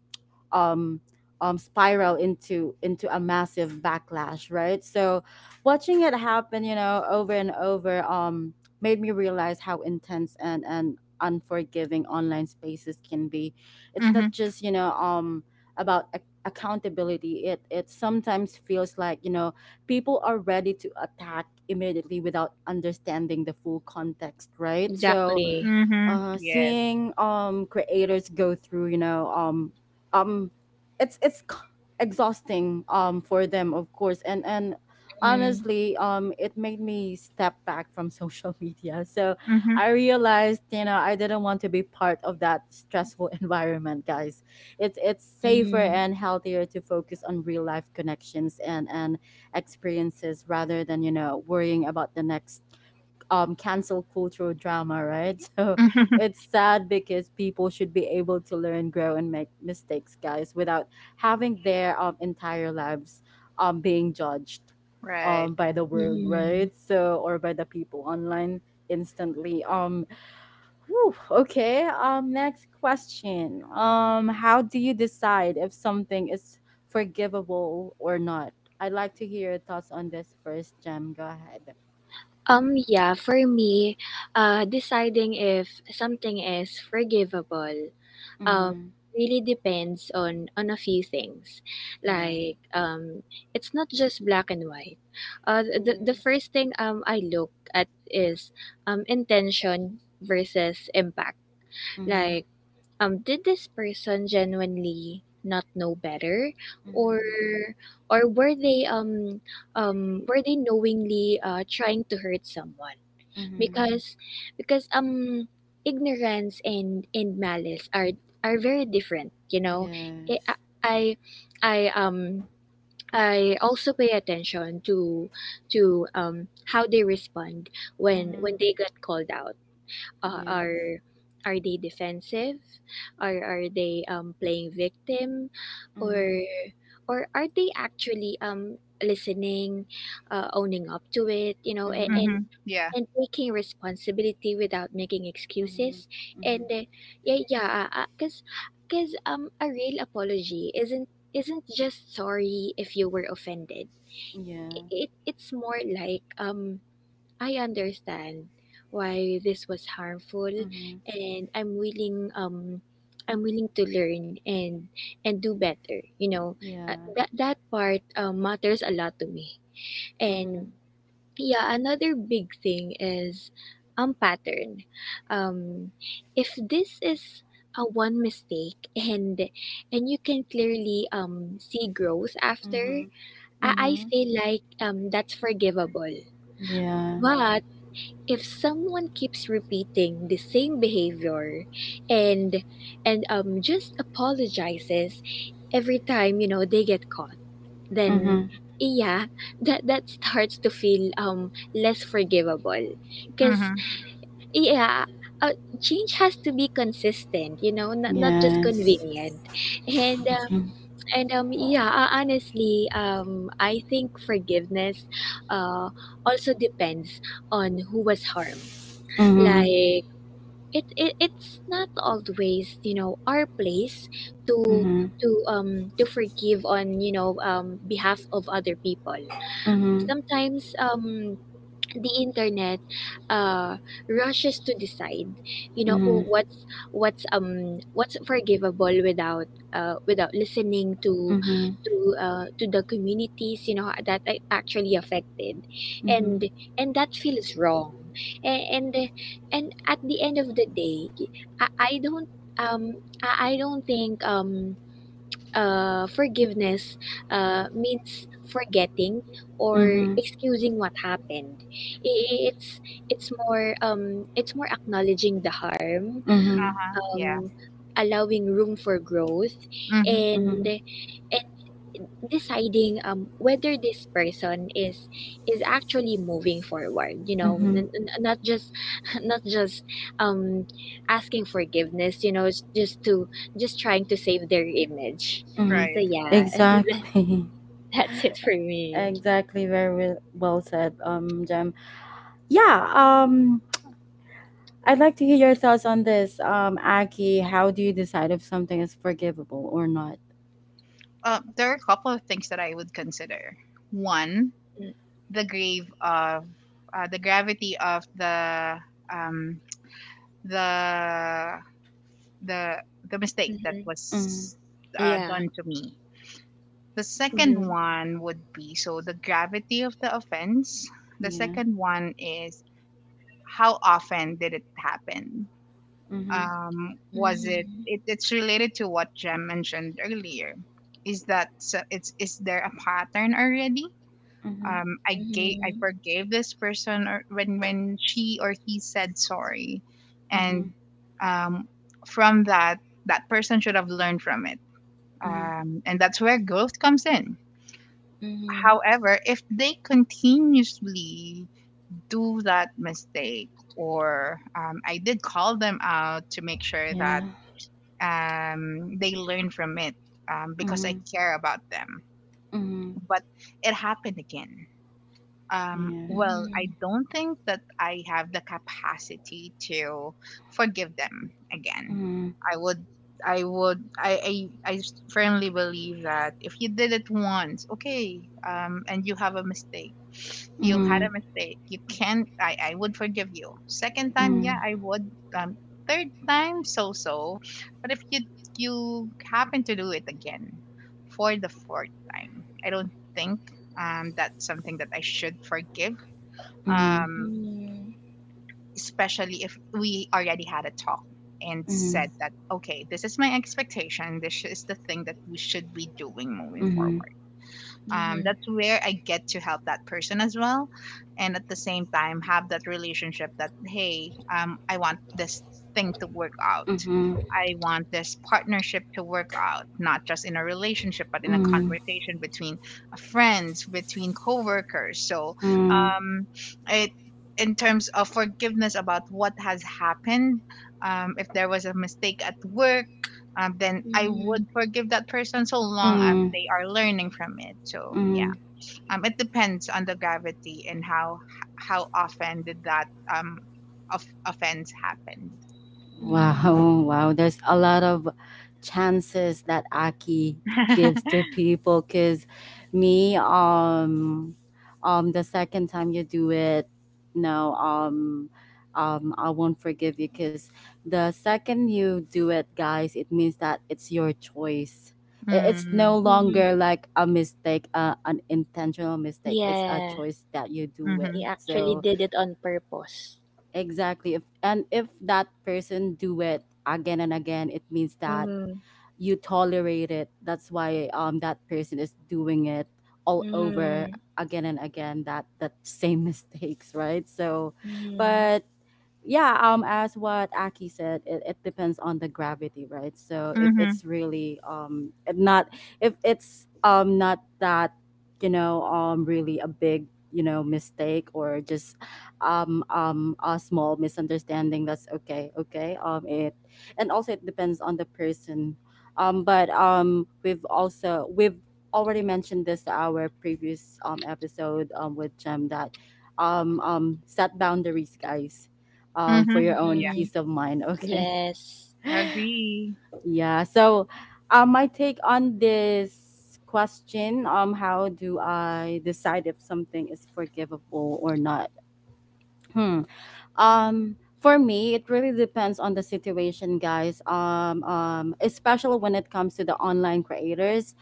Speaker 1: um spiral into a massive backlash, right? So watching it happen, you know, over and over um, made me realize how intense and unforgiving online spaces can be. It's
Speaker 3: mm-hmm,
Speaker 1: not just, you know, um, about accountability. It sometimes feels like, you know, people are ready to attack immediately without understanding the full context, right?
Speaker 2: Exactly.
Speaker 3: mm-hmm. Yes.
Speaker 1: Seeing creators go through um it's it's c- exhausting for them, of course, and
Speaker 2: Mhm,
Speaker 1: honestly, it made me step back from social media. So
Speaker 3: Mm-hmm, mm-hmm.
Speaker 1: I realized, you know, I didn't want to be part of that stressful environment, guys. It's safer
Speaker 2: mhm,
Speaker 1: and healthier to focus on real life connections and experiences rather than, you know, worrying about the next cancel cultural drama, right? So it's sad because people should be able to learn, grow, and make mistakes, guys, without having their entire lives being judged
Speaker 3: Right.
Speaker 1: by the world,
Speaker 2: mhm.
Speaker 1: right? So, or by the people online instantly. Whew, okay. Next question. How do you decide if something is forgivable or not? I'd like to hear your thoughts on this first, Jem. Go ahead.
Speaker 2: Yeah, for me, deciding if something is forgivable, um,
Speaker 1: Mm,
Speaker 2: really depends on a few things.
Speaker 1: yeah.
Speaker 2: Like, it's not just black and white. The
Speaker 1: Mm-hmm.
Speaker 2: first thing, I look at is, intention versus impact.
Speaker 1: Mm-hmm.
Speaker 2: Like, did this person genuinely not know better, or
Speaker 1: Mm-hmm.
Speaker 2: or were they um were they knowingly, trying to hurt someone,
Speaker 1: Mm-hmm.
Speaker 2: because because ignorance and malice are very different, you know. Eh,
Speaker 1: Yes.
Speaker 2: I I I um I also pay attention to how they respond when
Speaker 1: Mm-hmm.
Speaker 2: they get called out. uh,
Speaker 1: Yes.
Speaker 2: are are they defensive? Are they, playing victim?
Speaker 1: Mm-hmm.
Speaker 2: Or are they actually, listening, owning up to it, you know, and
Speaker 1: Mm-hmm.
Speaker 3: Mm-hmm.
Speaker 2: and
Speaker 3: Yeah.
Speaker 2: and taking responsibility without making
Speaker 1: Mm-hmm.
Speaker 2: excuses? and
Speaker 1: Mm-hmm.
Speaker 2: uh, yeah yeah because because a real apology isn't just "sorry if you were offended".
Speaker 1: Yeah.
Speaker 2: It's more like, I understand why this was harmful,
Speaker 1: Mm-hmm.
Speaker 2: and I'm willing to learn and do better, you know. uh,
Speaker 1: Yeah.
Speaker 2: that that part, matters a lot to me.
Speaker 1: Mm-hmm.
Speaker 2: And yeah, another big thing is, pattern. um if this is a one mistake and you can clearly, see growth after,
Speaker 1: Mm-hmm.
Speaker 2: I
Speaker 1: Mm-hmm.
Speaker 2: feel like, that's forgivable.
Speaker 1: Yeah.
Speaker 2: But if someone keeps repeating the same behavior, and and just apologizes every time, you know, they get caught,
Speaker 1: Mm-hmm.
Speaker 2: then yeah that starts to feel, less forgivable, because,
Speaker 3: Mm-hmm.
Speaker 2: yeah uh, change has to be consistent, you know, not just
Speaker 1: Yes.
Speaker 2: convenient. and uh,
Speaker 1: Mm-hmm.
Speaker 2: and um yeah uh, honestly, I think forgiveness, uh also depends on who was harmed.
Speaker 1: Mm-hmm.
Speaker 2: Like, it's not always, you know, our place to to forgive on you know behalf of other people.
Speaker 1: Mm-hmm.
Speaker 2: Sometimes, the internet uh rushes to decide, oh,
Speaker 1: Mm-hmm.
Speaker 2: what's forgivable, without without listening
Speaker 1: Mm-hmm. Mm-hmm.
Speaker 2: to to the communities, that are actually affected, and that feels wrong. And and, at the end of the day, i, I don't um I don't think, forgiveness means forgetting or
Speaker 1: Mm-hmm.
Speaker 2: excusing what happened. I- i- It's it's more, it's more acknowledging the harm,
Speaker 1: Mm-hmm.
Speaker 3: Yeah.
Speaker 2: um, allowing room for growth,
Speaker 3: Mm-hmm.
Speaker 2: and and deciding whether this person is actually moving forward,
Speaker 1: Mm-hmm.
Speaker 2: not just not just um asking forgiveness, it's just to, just trying to save their image.
Speaker 1: Mm-hmm.
Speaker 2: So
Speaker 3: Right.
Speaker 2: yeah.
Speaker 1: Exactly.
Speaker 2: That's it for me.
Speaker 1: Exactly. Very well said, Jem. Yeah. I'd like to hear your thoughts on this, Aki. How do you decide if something is forgivable or not?
Speaker 3: There are a couple of things that I would consider. One, the grave of the gravity of the um, the the the mistake that
Speaker 2: Mm-hmm.
Speaker 1: Mm.
Speaker 3: was
Speaker 2: Yeah.
Speaker 3: done to me. The second
Speaker 2: Mm-hmm.
Speaker 3: one would be, so the gravity of the offense. The
Speaker 1: Yeah.
Speaker 3: second one is, how often did it happen?
Speaker 1: Mm-hmm.
Speaker 3: Was it,
Speaker 2: Mm-hmm.
Speaker 3: it? It's related to what Jem mentioned earlier. Is that so? It's Is there a pattern already?
Speaker 1: Mm-hmm.
Speaker 3: I
Speaker 2: Mm-hmm.
Speaker 3: forgave this person or when she or he said sorry, and
Speaker 1: Mm-hmm.
Speaker 3: um, from that person should have learned from it,
Speaker 1: Mm-hmm.
Speaker 3: and that's where growth comes in. However, if they continuously do that mistake, or I did call them out to make sure that
Speaker 1: Yeah.
Speaker 3: they learn from it because I
Speaker 1: Mm-hmm.
Speaker 3: care about them,
Speaker 1: Mm-hmm.
Speaker 3: but it happened again.
Speaker 1: Yeah.
Speaker 3: Well, I
Speaker 2: Mm-hmm.
Speaker 3: don't think that I have the capacity to forgive them again.
Speaker 1: Mm-hmm.
Speaker 3: I would, I would, I s- firmly believe that if you did it once, okay, and you have a mistake, you had
Speaker 1: Mm-hmm.
Speaker 3: a mistake, you can, I would forgive you. Second time, yeah, I would. Um, Third time, so so. But if you happen to do it again for the fourth time, I don't think that's something that I should forgive,
Speaker 1: Mm-hmm. Mm-hmm.
Speaker 3: um,
Speaker 2: Mm-hmm.
Speaker 3: especially if we already had a talk and
Speaker 1: Mm-hmm.
Speaker 3: said that, okay, this is my expectation. This is the thing that we should be doing moving forward.
Speaker 1: Mm-hmm.
Speaker 2: Mm-hmm.
Speaker 3: That's where I get to help that person as well. And at the same time, have that relationship that, hey, I want this thing to work out.
Speaker 1: Mm-hmm.
Speaker 3: I want this partnership to work out, not just in a relationship, but in a conversation between friends, between coworkers. So
Speaker 1: Mm-hmm.
Speaker 3: um, it in terms of forgiveness about what has happened. If there was a mistake at work, then I would
Speaker 2: Mm-hmm.
Speaker 3: forgive that person so long as they are learning from it. So yeah,
Speaker 1: Mm-hmm.
Speaker 3: it depends on the gravity and how often did that um of offense happened.
Speaker 2: Mm-hmm.
Speaker 1: Wow, wow. There's a lot of chances that Aki gives to people, cuz me, the second time you do it, no, I won't forgive you, cuz the second you do it, guys, it means that it's your choice. I- It's no
Speaker 3: Mm,
Speaker 1: longer
Speaker 2: Mm-hmm.
Speaker 1: like a mistake, an intentional mistake. It's a
Speaker 2: Yeah,
Speaker 1: choice that you do it.
Speaker 2: he
Speaker 3: mm-hmm,
Speaker 2: actually
Speaker 1: So
Speaker 2: did it on purpose.
Speaker 1: exactly, if and if that person do it again and again, it means that
Speaker 2: Mhm.
Speaker 1: you tolerate it. That's why, um, that person is doing it all over
Speaker 2: Mhm.
Speaker 1: again and again, that that same mistakes, right? So
Speaker 2: Mhm.
Speaker 1: but yeah, as what Aki said, it depends on the gravity, right? So if
Speaker 3: mm-hmm,
Speaker 1: it's really, um, if not, if it's not that, really a big, mistake or just a small misunderstanding, that's okay. Okay, um, it, and also it depends on the person, but um, we've already mentioned this to our previous episode with Jem, that set boundaries, guys, for
Speaker 3: mm-hmm.
Speaker 1: your own
Speaker 3: Yeah,
Speaker 1: peace
Speaker 2: Mhm.
Speaker 1: of mind. Okay.
Speaker 2: Yes.
Speaker 3: agree.
Speaker 1: Yeah. So, my take on this question, how do I decide if something is forgivable or not? Hmm. For me, it really depends on the situation, guys. Especially when it comes to the online creators,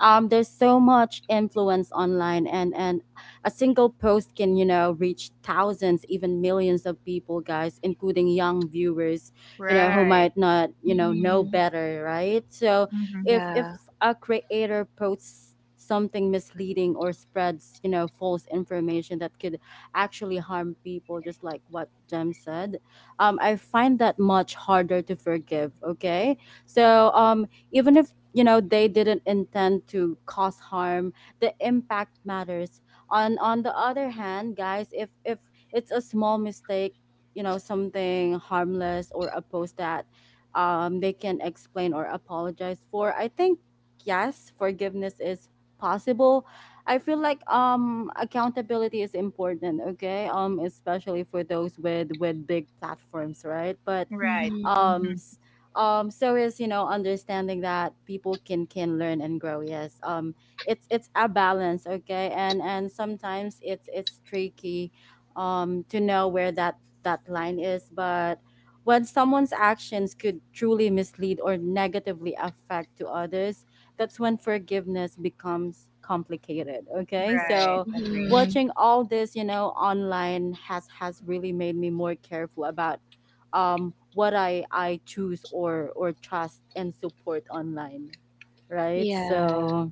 Speaker 1: there's so much influence online, and a single post can, you know, reach thousands, even millions of people, guys, including young viewers, you know, who
Speaker 3: Right.
Speaker 1: might not, you know
Speaker 2: Mhm.
Speaker 1: better, right? So
Speaker 3: Mm-hmm.
Speaker 1: if
Speaker 2: Yeah.
Speaker 1: a creator posts something misleading or spreads, you know, false information that could actually harm people, just like what Jem said, I find that much harder to forgive. Okay, so even if, you know, they didn't intend to cause harm, the impact matters. On the other hand, guys, if it's a small mistake, you know, something harmless or a post that they can explain or apologize for. I think yes, forgiveness is possible. I feel like um, accountability is important, okay? Um, especially for those with big platforms, right? But
Speaker 3: Right.
Speaker 2: Mhm.
Speaker 1: um
Speaker 3: Mm-hmm.
Speaker 1: s- um, so is, you know, understanding that people can learn and grow. Yes. Um, it's a balance, okay? And sometimes it's tricky to know where that line is, but when someone's actions could truly mislead or negatively affect to others, that's when forgiveness becomes complicated. Okay,
Speaker 3: Right.
Speaker 1: so
Speaker 3: Agree.
Speaker 2: Mhm.
Speaker 1: watching all this, you know, online has really made me more careful about what I choose or trust and support online, right?
Speaker 2: Yeah.
Speaker 1: So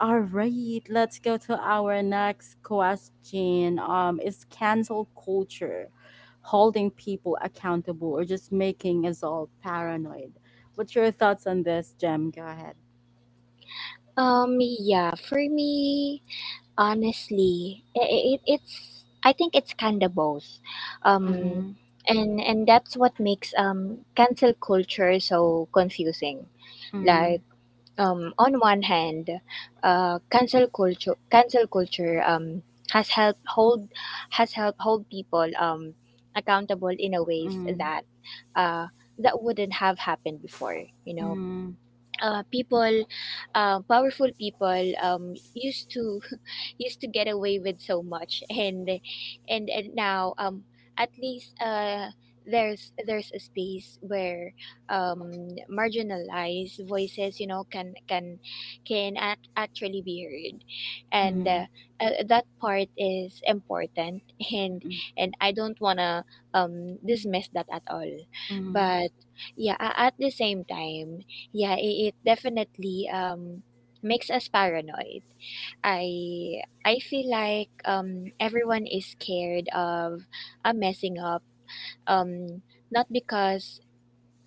Speaker 1: all right, let's go to our next question. Um, is cancel culture holding people accountable or just making us all paranoid? What's your thoughts on this, Jem? Go ahead.
Speaker 2: Yeah, for me, honestly, it's, I think it's kind of both. Um, and that's what makes cancel culture so confusing.
Speaker 1: Mm.
Speaker 2: Like, on one hand, cancel culture, has helped hold has helped hold people, accountable in a ways
Speaker 1: Mm.
Speaker 2: that uh, that wouldn't have happened before. You know,
Speaker 1: Mm.
Speaker 2: people, powerful people, used to get away with so much and and now, at least, there's a space where, um marginalized voices, can actually be heard. And
Speaker 1: Mm.
Speaker 2: that part is important. And
Speaker 1: Mm.
Speaker 2: I don't want to dismiss that at all.
Speaker 1: Mm.
Speaker 2: But yeah, at the same time, yeah, it definitely makes us paranoid. i I feel like, everyone is scared of messing up. Um, Not because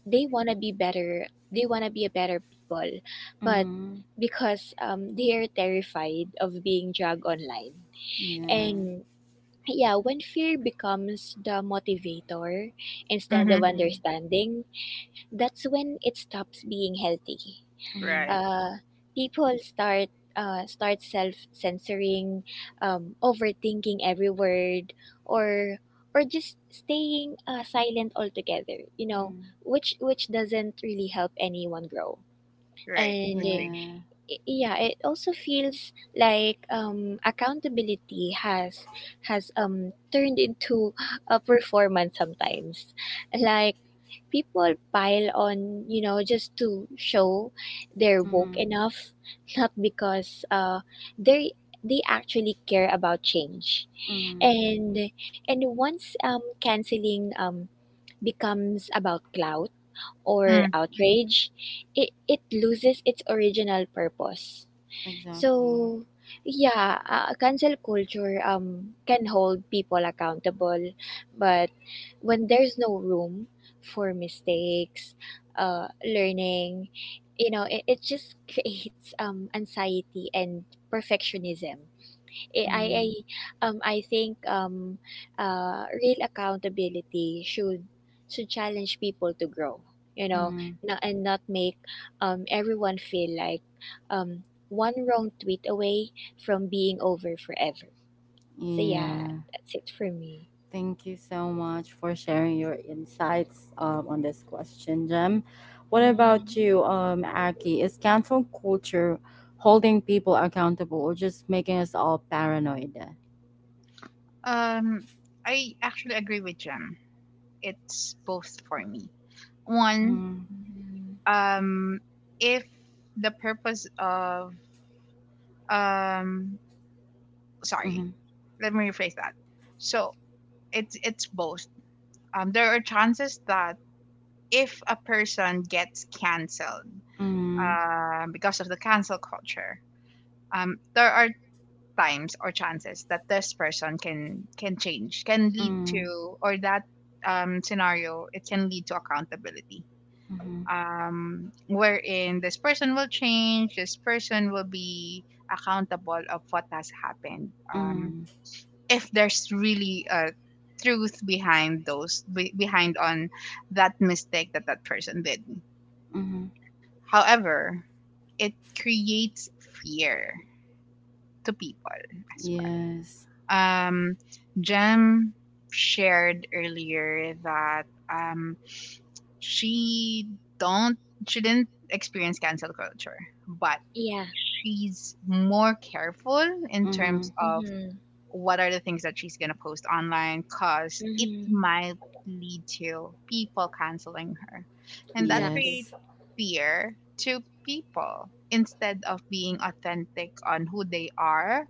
Speaker 2: they wanna be better, they wanna be a better people, but
Speaker 1: Mm,
Speaker 2: because, they are terrified of being dragged online.
Speaker 1: yeah.
Speaker 2: And yeah, when fear becomes the motivator instead of
Speaker 3: Mm-hmm.
Speaker 1: Mm.
Speaker 2: understanding, that's when it stops being healthy.
Speaker 1: Mm.
Speaker 3: Right.
Speaker 2: uh, People start, start self censoring, overthinking every word, or just staying silent altogether. You know,
Speaker 1: Mm,
Speaker 2: which doesn't really help anyone grow.
Speaker 3: Right.
Speaker 2: And eh,
Speaker 3: Agree.
Speaker 1: yeah.
Speaker 2: yeah, it also feels like accountability has turned into a performance sometimes. Like, people pile on, just to show they're woke
Speaker 1: Mm.
Speaker 2: enough, not because they they actually care about change.
Speaker 1: Mm,
Speaker 2: And once, canceling, becomes about clout or
Speaker 3: Mm.
Speaker 2: outrage, it loses its original purpose.
Speaker 1: exactly.
Speaker 2: So, yeah, cancel culture can hold people accountable, but when there's no room for mistakes, learning, you know, it just creates anxiety and perfectionism. I I
Speaker 1: Mm.
Speaker 2: I, I think, real accountability should challenge people to grow, you know,
Speaker 1: Mm,
Speaker 2: not, and not make everyone feel like one wrong tweet away from being over forever. So yeah,
Speaker 1: yeah.
Speaker 2: that's it for me.
Speaker 1: Thank you so much for sharing your insights, on this question, Jem. What
Speaker 2: Mm,
Speaker 1: about you, Aki? Is cancel culture holding people accountable or just making us all paranoid?
Speaker 3: Um, I actually agree with Jem. It's both for me. One,
Speaker 1: Mm.
Speaker 3: um, if the purpose of um, sorry,
Speaker 1: Mm.
Speaker 3: let me rephrase that. So it's both. There are chances that if a person gets canceled,
Speaker 1: Mm.
Speaker 3: because of the cancel culture, there are times or chances that this person can change, can lead
Speaker 1: Mm.
Speaker 3: to, or that scenario, it can lead to accountability,
Speaker 1: Mm.
Speaker 3: wherein this person will change, this person will be accountable of what has happened,
Speaker 1: Mm.
Speaker 3: um, if there's really a truth behind those behind on that mistake that that person did.
Speaker 1: Mm-hmm.
Speaker 3: However, it creates fear to people as well.
Speaker 1: Yes.
Speaker 3: um, Jem shared earlier that um, she don't, she didn't experience cancel culture, but
Speaker 2: yeah.
Speaker 3: she's more careful in
Speaker 1: Mm-hmm.
Speaker 3: terms of
Speaker 2: Mm-hmm.
Speaker 3: what are the things that she's going to post online, because it
Speaker 2: Mm-hmm.
Speaker 3: might lead to people canceling her. And that
Speaker 2: Exactly.
Speaker 3: creates
Speaker 1: Yes.
Speaker 3: fear to people instead of being authentic on who they are,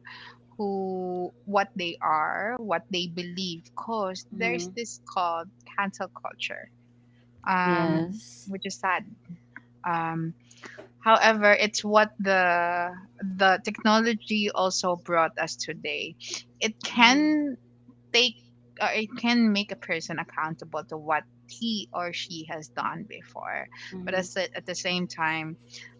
Speaker 3: who what they are, what they believe. Because there's
Speaker 1: Mm-hmm.
Speaker 3: this called cancel culture, um,
Speaker 1: Yes.
Speaker 3: which is sad. Um, However, it's what the technology also brought us today. It
Speaker 1: Mm-hmm.
Speaker 3: can take, or it can make a person accountable to what he or she has done before. But
Speaker 1: Mm-hmm.
Speaker 3: as, at the same time,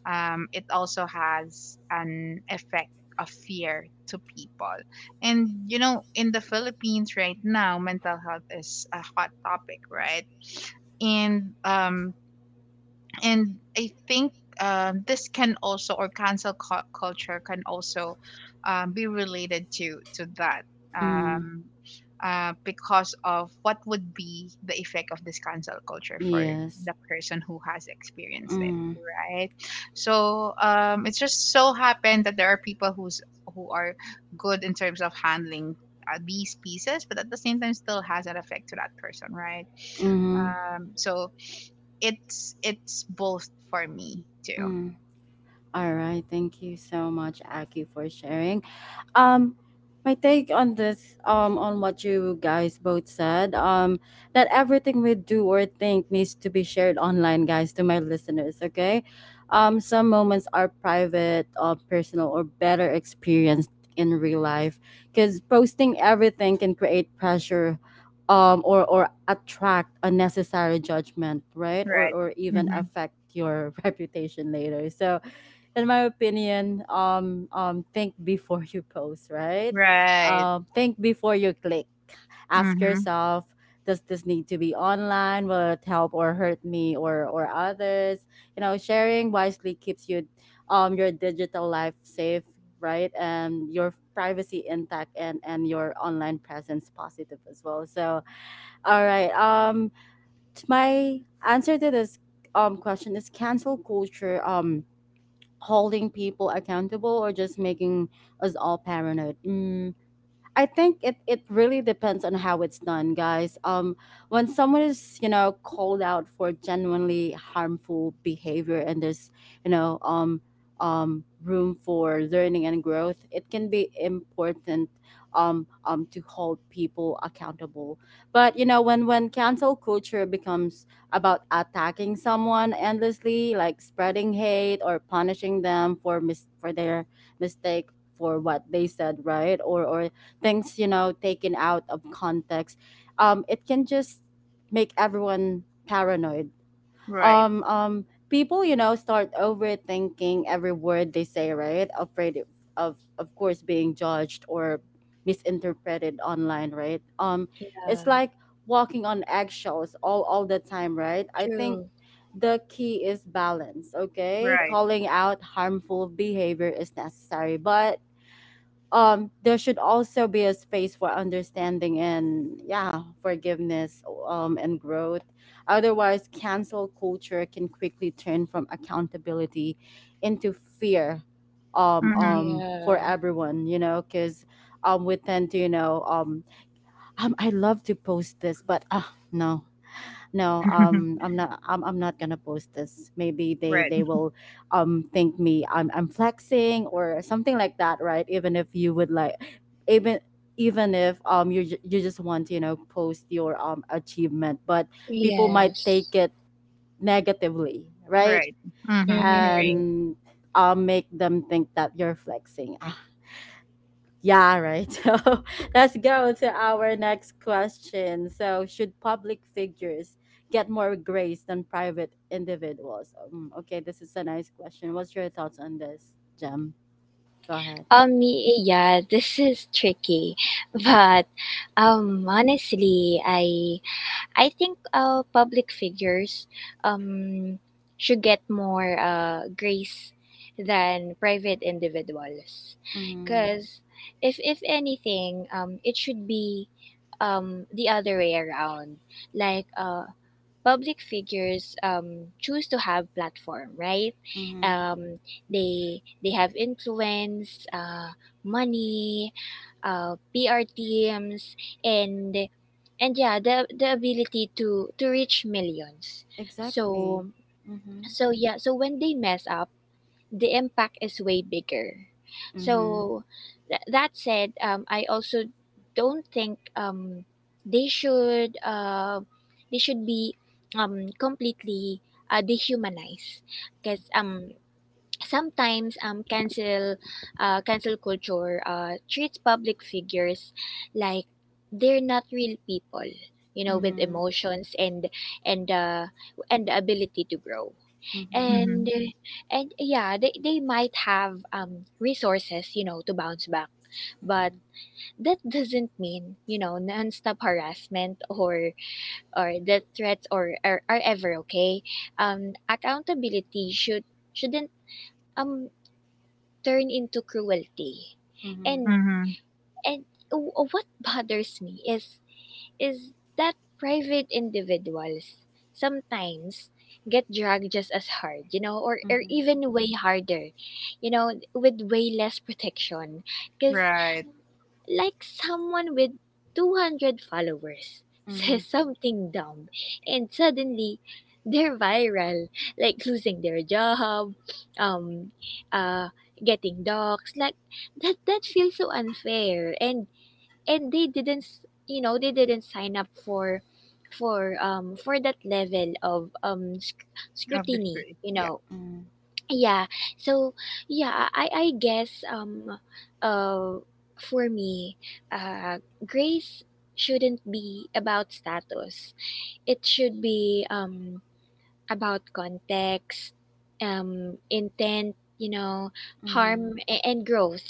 Speaker 3: it also has an effect of fear to people. And you know, in the Philippines right now, mental health is a hot topic, right? And um, and I think this can also or culture can also be related to that
Speaker 1: Mm-hmm.
Speaker 3: um, because of what would be the effect of this cancel culture for
Speaker 1: Yes.
Speaker 3: the person who has experienced it,
Speaker 1: Mm-hmm.
Speaker 3: right? So it just so happened that there are people who's who are good in terms of handling these pieces, but at the same time still has an effect to that person, right?
Speaker 1: Mm-hmm.
Speaker 3: So it's both for me too.
Speaker 1: Mm. All right. Thank you so much, Aki, for sharing. Um, my take on this, on what you guys both said, that everything we do or think needs to be shared online, guys, to my listeners. Okay, some moments are private, or personal, or better experienced in real life, because posting everything can create pressure. Or attract unnecessary judgment, right?
Speaker 3: Right.
Speaker 1: Or even
Speaker 3: Mm-hmm.
Speaker 1: affect your reputation later. So, in my opinion, think before you post, right?
Speaker 3: Right.
Speaker 1: Think before you click. Ask
Speaker 3: Mm-hmm.
Speaker 1: yourself, does this need to be online? Will it help or hurt me or others? You know, sharing wisely keeps you, your digital life safe, right, and your privacy intact, and your online presence positive as well. So, all right. My answer to this question is, cancel culture, um, holding people accountable or just making us all paranoid. Mm, I think it, it really depends on how it's done, guys. When someone is, you know, called out for genuinely harmful behavior and there's, you know um room for learning and growth, it can be important to hold people accountable. But you know, when cancel culture becomes about attacking someone endlessly, like spreading hate or punishing them for mis- for their mistake, for what they said, right, or things, you know, taken out of context, um, it can just make everyone paranoid.
Speaker 3: Right.
Speaker 1: Um um, people, you know, start overthinking every word they say, right, afraid of course, being judged or misinterpreted online, right? Um, it's
Speaker 2: Yeah.
Speaker 1: like walking on eggshells all the time, right? I think
Speaker 2: True.
Speaker 1: the key is balance. Okay,
Speaker 3: Right.
Speaker 1: calling out harmful behavior is necessary, but um, there should also be a space for understanding and yeah, forgiveness, um, and growth. Otherwise cancel culture can quickly turn from accountability into fear,
Speaker 3: Mm-hmm.
Speaker 1: um, for
Speaker 2: Yeah.
Speaker 1: everyone, you know, because we tend to, you know, I love to post this, but ah no, no, um, I'm not, I'm not gonna post this, maybe they
Speaker 3: Right.
Speaker 1: will think me I'm flexing or something like that, right? Even if you would like, even, even if um, you you just want to, you know, post your achievement, but people might
Speaker 2: Yes.
Speaker 1: take it negatively, right?
Speaker 3: Right. Mm-hmm.
Speaker 2: Mm-hmm.
Speaker 3: Agree.
Speaker 1: And make them think that you're flexing. Yeah, right. So let's go to our next question. So, should public figures get more grace than private individuals? Okay, this is a nice question. What's your thoughts on this, Jem? Go ahead.
Speaker 2: Yeah, this is tricky, but, honestly, I think, public figures um should get more grace than private individuals,
Speaker 1: Mm-hmm.
Speaker 2: because, if anything, it should be the other way around. Like, public figures, choose to have platform, right?
Speaker 1: Mm-hmm.
Speaker 2: um, they have influence, money, PR teams, and yeah, the ability to reach millions. so
Speaker 1: Exactly. Mm-hmm.
Speaker 2: so yeah so when they mess up, the impact is way bigger.
Speaker 1: Mm-hmm.
Speaker 2: So, that said, I also don't think, they should, they should be, completely, dehumanized, because, sometimes, cancel culture treats public figures like they're not real people, you know, with
Speaker 1: Mm-hmm.
Speaker 2: emotions and and uh, and the ability to grow.
Speaker 1: Mm-hmm.
Speaker 3: Mm-hmm.
Speaker 2: And yeah, they might have resources, you know, to bounce back, but that doesn't mean, you know, nonstop harassment, or the threats, or are ever okay. Accountability shouldn't um turn into cruelty.
Speaker 1: Mm-hmm.
Speaker 2: And,
Speaker 3: Mm-hmm.
Speaker 2: and what bothers me is that private individuals sometimes get dragged just as hard, you know, or
Speaker 1: Mm-hmm.
Speaker 2: even way harder, you know, with way less protection. Because,
Speaker 3: Right.
Speaker 2: like, someone with 200 followers
Speaker 1: Mm-hmm.
Speaker 2: says something dumb, and suddenly they're viral, like losing their job, um, uh, getting dogs. Like, that feels so unfair. And they didn't s- you know they didn't sign up for, for that level of,
Speaker 3: Of the
Speaker 2: scrutiny,
Speaker 3: spirit.
Speaker 2: you
Speaker 3: Yeah.
Speaker 2: know.
Speaker 1: Mm-hmm.
Speaker 2: Yeah, so yeah, I guess, uh for me, uh grace shouldn't be about status, it should be, about context, intent, you know,
Speaker 1: Mm-hmm.
Speaker 2: harm, and growth.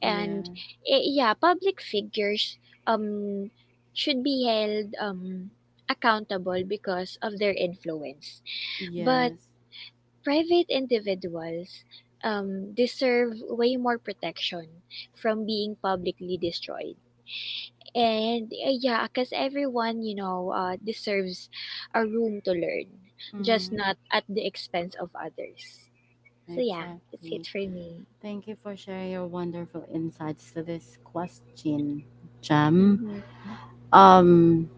Speaker 2: And
Speaker 1: Yeah.
Speaker 2: yeah, public figures um should be held accountable because of their influence. But
Speaker 1: Yes.
Speaker 2: private individuals deserve way more protection from being publicly destroyed, and, yeah, because everyone, you know, deserves a room to learn, just
Speaker 1: Mm-hmm.
Speaker 2: not at the expense of others. So yeah, that's it
Speaker 1: Exactly.
Speaker 2: for me.
Speaker 1: Thank you for sharing your wonderful insights to this question, Jem.
Speaker 2: Mm-hmm.
Speaker 1: Um,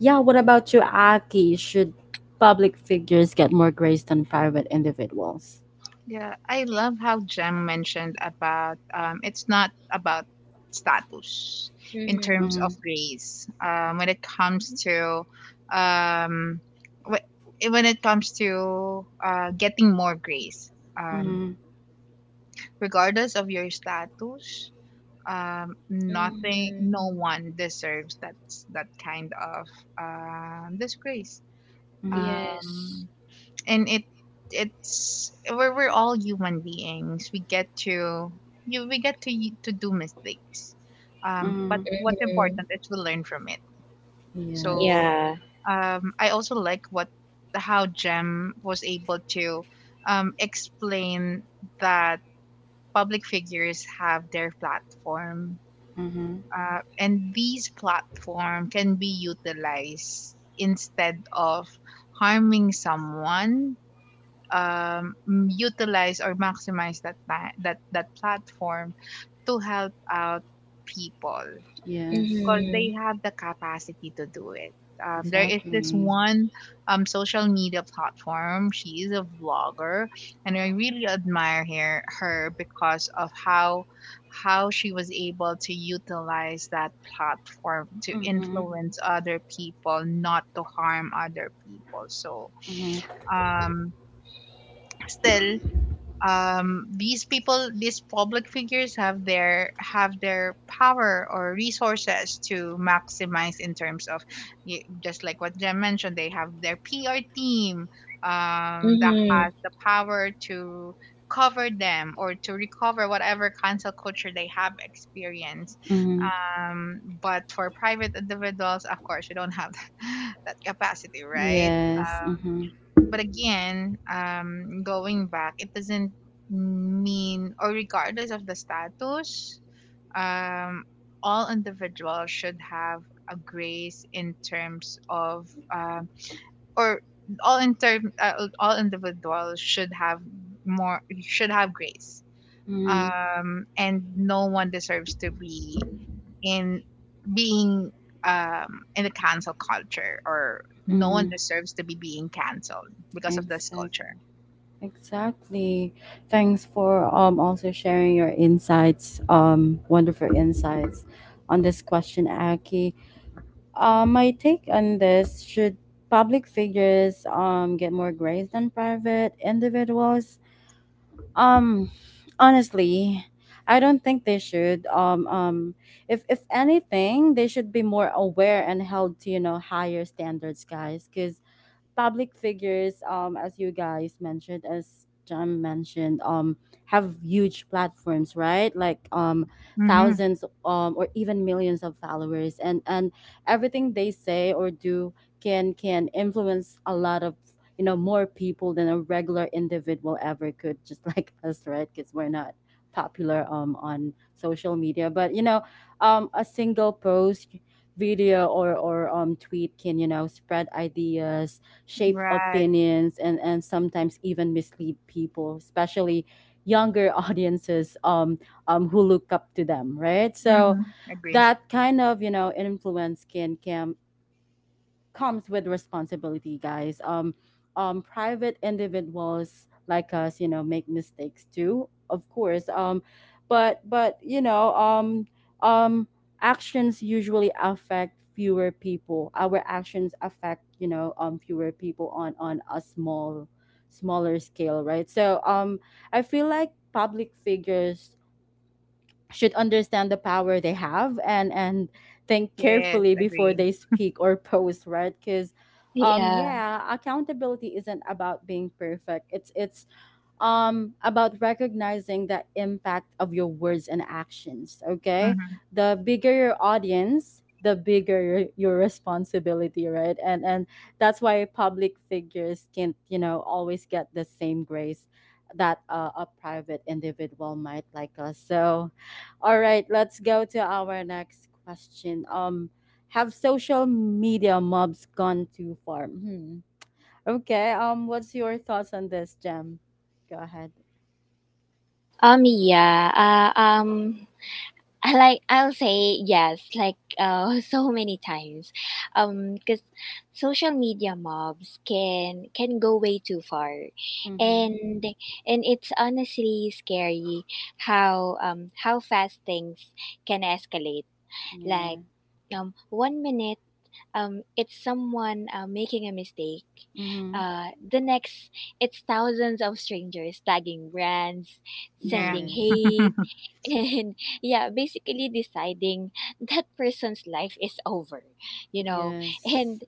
Speaker 1: yeah, what about you, Aki? Should public figures get more grace than private individuals?
Speaker 3: Yeah, I love how Jem mentioned about it's not about status in
Speaker 2: Mm-hmm.
Speaker 3: terms
Speaker 1: Mm-hmm.
Speaker 3: of grace when it comes to um, when it comes to getting more grace, um,
Speaker 1: Mm-hmm.
Speaker 3: regardless of your status, um, nothing,
Speaker 2: Mm-hmm.
Speaker 3: no one deserves that that kind of um, disgrace,
Speaker 1: Mm-hmm.
Speaker 3: um,
Speaker 2: Yes.
Speaker 3: and we're all human beings. We get to you we get to to do mistakes, um, but
Speaker 1: Mm-hmm.
Speaker 3: what's
Speaker 2: Mm-hmm.
Speaker 3: important is to learn from it.
Speaker 1: Yes.
Speaker 3: so
Speaker 2: Yeah.
Speaker 3: um I also like what how Jem was able to um, explain that public figures have their platform,
Speaker 1: Mm-hmm.
Speaker 3: and these platform can be utilized instead of harming someone. Utilize or maximize that that platform to help out people
Speaker 1: Yes.
Speaker 3: because they
Speaker 2: Mm-hmm.
Speaker 3: have the capacity to do it. There is this
Speaker 1: Exactly.
Speaker 3: one social media platform. She is a vlogger, and I really admire her because of how she was able to utilize that platform to
Speaker 1: Mm-hmm.
Speaker 3: influence other people, not to harm other people. So
Speaker 1: Mm-hmm.
Speaker 3: um, still these people, these public figures, have their power or resources to maximize in terms of, just like what Jem mentioned, they have their PR team that has
Speaker 2: Mm-hmm.
Speaker 3: the power to cover them or to recover whatever cancel culture they have experienced.
Speaker 1: Mm-hmm.
Speaker 3: But for private individuals, of course, we don't have that capacity, right?
Speaker 1: Yes. Mm-hmm.
Speaker 3: But again, going back, it doesn't mean, or regardless of the status, um, all individuals should have a grace in terms of, um, or all individuals should have should have grace.
Speaker 1: Mm-hmm.
Speaker 3: And no one deserves to be in being in the cancel culture, or no one
Speaker 1: Mm-hmm.
Speaker 3: deserves to be being canceled because of this
Speaker 1: Exactly.
Speaker 3: culture.
Speaker 1: Exactly. Thanks for um, also sharing your insights, um, wonderful insights on this question, Aki. My take on this, should public figures get more grace than private individuals? Um honestly, I don't think they should. Um, if anything, they should be more aware and held to, you know, higher standards, guys, cuz public figures, as you guys mentioned, as John mentioned, have huge platforms, right? Like
Speaker 3: Mhm.
Speaker 1: thousands or even millions of followers, and everything they say or do can influence a lot of, you know, more people than a regular individual ever could, just like us, right? Because we're not popular um, on social media, but you know, a single post, video, or um, tweet can, you know, spread ideas, shape
Speaker 3: Right.
Speaker 1: opinions, and sometimes even mislead people, especially younger audiences, um, who look up to them, right? So
Speaker 3: Mhm. Agree.
Speaker 1: that kind of, you know, influence can, comes with responsibility, guys. Private individuals like us, you know, make mistakes too, of course. But you know, um, actions usually affect fewer people. Our actions affect, you know, um, fewer people on a small smaller scale, right? So I feel like public figures should understand the power they have and think
Speaker 3: Yes,
Speaker 1: carefully before
Speaker 3: agree.
Speaker 1: they speak or post, right? Because
Speaker 2: Yeah.
Speaker 1: yeah, accountability isn't about being perfect, it's about recognizing the impact of your words and actions. Okay,
Speaker 3: Mhm.
Speaker 1: the bigger your audience, the bigger your responsibility, right? And that's why public figures can't always get the same grace that a private individual might, like us. So all right, let's go to our next question. Have social media mobs gone too far? Hmm. Okay, what's your thoughts on this, Jem? Go ahead.
Speaker 2: Yeah. Uh, um. I'll say yes, like, so many times, because social media mobs can go way too far,
Speaker 1: Mm-hmm.
Speaker 2: and it's honestly scary how, how fast things can escalate. Like,
Speaker 1: Yeah.
Speaker 2: one minute, it's someone, making a mistake,
Speaker 1: Mm-hmm.
Speaker 2: the next it's thousands of strangers tagging brands,
Speaker 3: Yeah.
Speaker 2: sending
Speaker 1: Yes.
Speaker 2: hate, and yeah, basically deciding that person's life is over, you know.
Speaker 1: Yes.
Speaker 2: And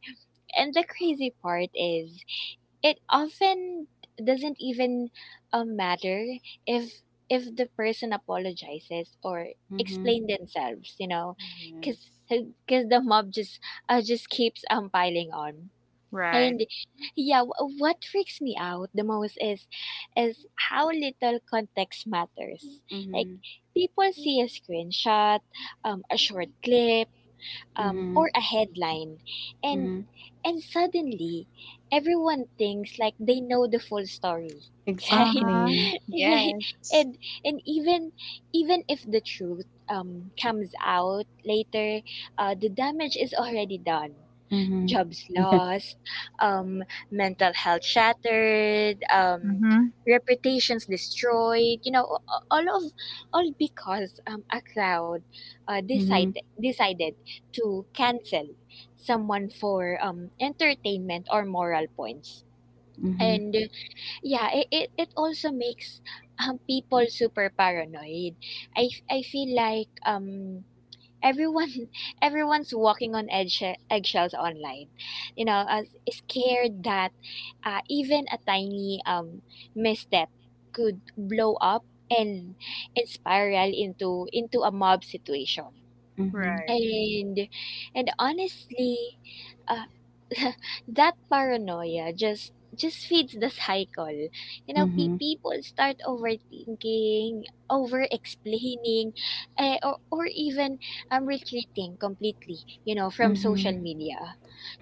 Speaker 2: the crazy part is, it often doesn't even, matter if the person apologizes or
Speaker 1: Mm-hmm.
Speaker 2: explain themselves, you know, because
Speaker 1: Yes.
Speaker 2: the mob just, just keeps piling on.
Speaker 3: Right.
Speaker 2: And yeah, what freaks me out the most is how little context matters. Like,
Speaker 1: Mm-hmm.
Speaker 2: people see a screenshot, a short clip,
Speaker 1: Mm-hmm.
Speaker 2: or a headline, and
Speaker 1: Mm-hmm.
Speaker 2: suddenly everyone thinks like they know the full story, right?
Speaker 3: Uh-huh.
Speaker 1: Exactly.
Speaker 2: Right?
Speaker 3: Yes.
Speaker 2: And even if the truth comes out later, the damage is already done:
Speaker 1: Mm-hmm.
Speaker 2: jobs
Speaker 1: Yeah.
Speaker 2: lost, um, mental health shattered,
Speaker 3: Mhm.
Speaker 2: reputations destroyed. You know, all because, a crowd,
Speaker 1: Mm-hmm.
Speaker 2: decided to cancel someone for, entertainment or moral points.
Speaker 1: Mm-hmm.
Speaker 2: And, yeah, it also makes, people super paranoid. I feel like, everyone everyone's walking on eggshells online, you know, as scared that, even a tiny, misstep could blow up and spiral into a mob situation.
Speaker 1: Mm-hmm.
Speaker 3: Right.
Speaker 2: And honestly, uh, that paranoia just feeds the cycle. You know,
Speaker 1: Mm-hmm.
Speaker 2: people start overthinking, over explaining, or even, retreating completely, you know, from
Speaker 1: Mm-hmm.
Speaker 2: social media.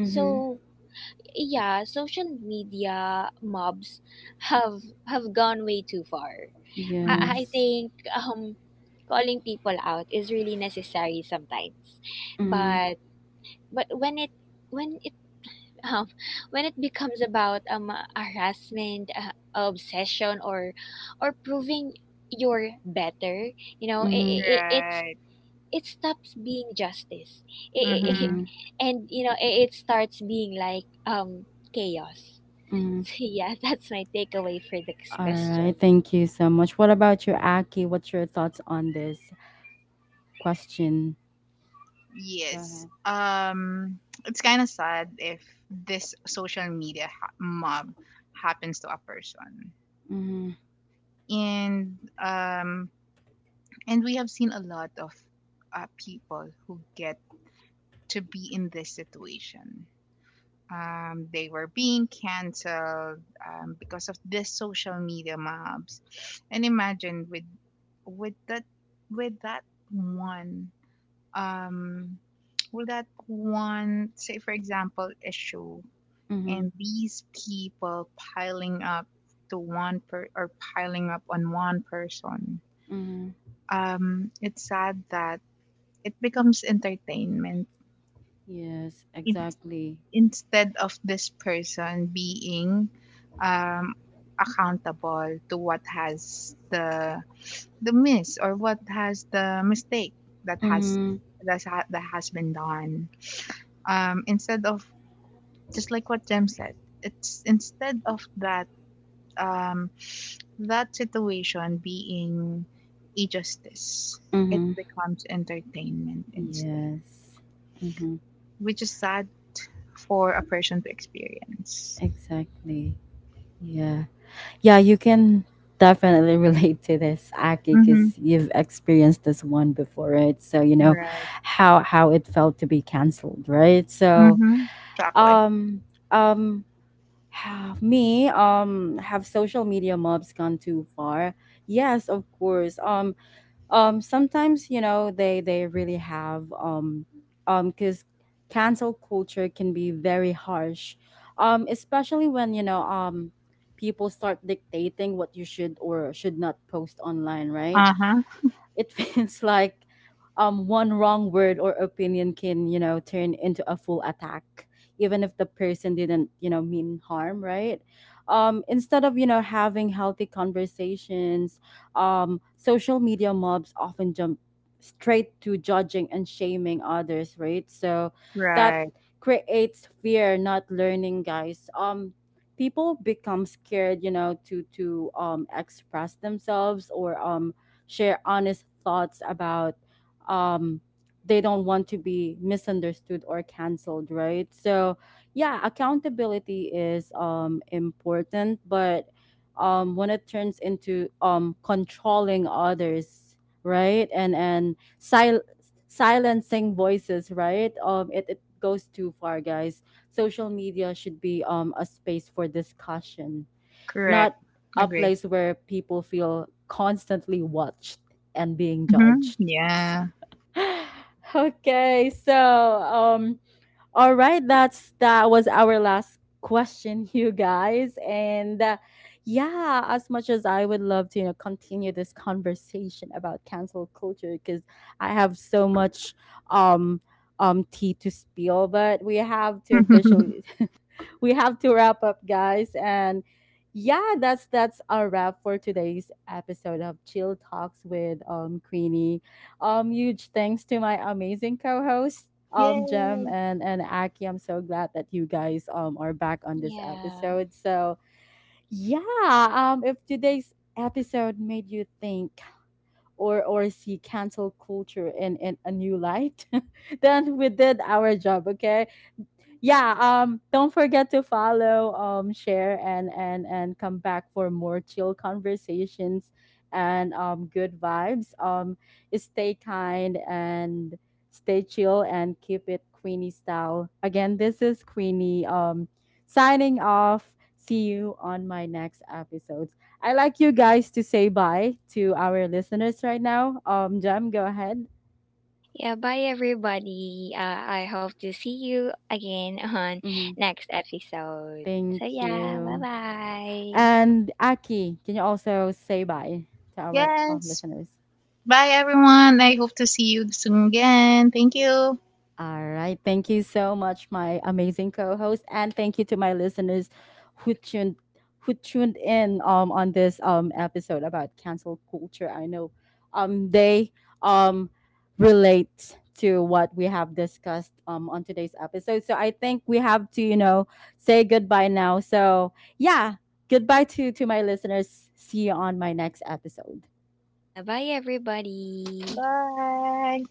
Speaker 1: Mm-hmm.
Speaker 2: So, yeah, social media mobs have have gone way too far.
Speaker 3: Mhm.
Speaker 2: I
Speaker 1: Yes.
Speaker 2: think, um calling people out is really necessary sometimes.
Speaker 1: Mm-hmm.
Speaker 2: But but when it when, um, when it becomes about, harassment, obsession, or proving you're better, you know,
Speaker 1: Mm-hmm.
Speaker 3: Right.
Speaker 2: it stops being justice, I- I-
Speaker 3: Mhm.
Speaker 1: Mm-hmm.
Speaker 2: and you know, it starts being like, chaos.
Speaker 1: Mm-hmm.
Speaker 2: So yeah, that's my takeaway for this
Speaker 1: All right,
Speaker 2: question.
Speaker 1: thank you so much. What about you, Aki? What's your thoughts on this question? Go
Speaker 3: Yes,
Speaker 1: ahead.
Speaker 3: um, it's kind of sad if this mob happens to a person.
Speaker 1: Mm-hmm.
Speaker 3: And um, and we have seen a lot of people who get to be in this situation they were being canceled because of the social media mobs. And imagine with that with that one um with that one, say for example, issue,
Speaker 1: Mm-hmm.
Speaker 3: and these people piling up to one per or piling up on one person,
Speaker 1: Mm-hmm.
Speaker 3: um, it's sad that it becomes entertainment.
Speaker 1: Yes,
Speaker 3: It
Speaker 1: exactly.
Speaker 3: Instead of this person being um, accountable to what has the miss or what has the mistake that has
Speaker 1: Mm-hmm.
Speaker 3: that has been done, instead of, just like what Jem said, it's instead of that um, that situation being a justice, it
Speaker 1: Mm-hmm.
Speaker 3: becomes entertainment instead,
Speaker 1: Yes. Mm-hmm.
Speaker 3: which is sad for a person to experience.
Speaker 1: Exactly. Yeah. Yeah, you can definitely relate to this, Aki,
Speaker 3: Mm-hmm.
Speaker 1: because you've experienced this one before, right? So you know
Speaker 3: Right.
Speaker 1: how it felt to be canceled, right? So
Speaker 3: Mhm. Chocolate.
Speaker 1: um um me, have social media mobs gone too far? Yes, of course. Sometimes, you know, they really have. Because cancel culture can be very harsh, especially when, you know, people start dictating what you should or should not post online, right?
Speaker 3: Uh-huh.
Speaker 1: It feels like one wrong word or opinion can, you know, turn into a full attack, even if the person didn't, you know, mean harm, right? Instead of, you know, having healthy conversations, social media mobs often jump straight to judging and shaming others, right? So that
Speaker 3: Right.
Speaker 1: creates fear, not learning, guys. People become scared, you know, to express themselves, or share honest thoughts about um, they don't want to be misunderstood or canceled, right? So yeah, accountability is important, but when it turns into controlling others, right, and silencing voices, right, it, it goes too far, guys. Social media should be a space for discussion,
Speaker 3: Correct.
Speaker 1: not a
Speaker 3: Agree.
Speaker 1: place where people feel constantly watched and being
Speaker 3: Mhm.
Speaker 1: judged.
Speaker 3: Yeah.
Speaker 1: Okay, so all right, that's that was our last question, you guys, and yeah, as much as I would love to, you know, continue this conversation about cancel culture because I have so much um tea to spill, but we have to officially we have to wrap up, guys. And yeah, that's our wrap for today's episode of Chill Talks with Queenie. Huge thanks to my amazing co-host Jem
Speaker 3: Yay.
Speaker 1: and Aki. I'm so glad that you guys are back on this
Speaker 2: Yeah.
Speaker 1: episode. So yeah, if today's episode made you think or see cancel culture in a new light, then we did our job. Okay, yeah, don't forget to follow, share, and and come back for more chill conversations and good vibes. Stay kind and stay chill and keep it Queenie style. Again, this is Queenie signing off. See you on my next episodes. I like you guys to say bye to our listeners right now. Jam, go ahead.
Speaker 2: Yeah, bye everybody. I hope to see you again on
Speaker 1: Hmm.
Speaker 2: next episode. So
Speaker 1: Thank
Speaker 2: yeah, bye
Speaker 1: you.
Speaker 2: bye.
Speaker 1: And Aki, can you also say bye to our
Speaker 3: Yes.
Speaker 1: listeners?
Speaker 3: Bye, everyone. I hope to see you soon again. Thank you.
Speaker 1: All right, thank you so much, my amazing co-host, and thank you to my listeners who tuned who tuned in, on this episode about cancel culture. I know they um, relate to what we have discussed on today's episode. So I think we have to, you know, say goodbye now. So yeah, goodbye to my listeners. See you on my next episode.
Speaker 2: Yeah, bye everybody.
Speaker 3: Bye.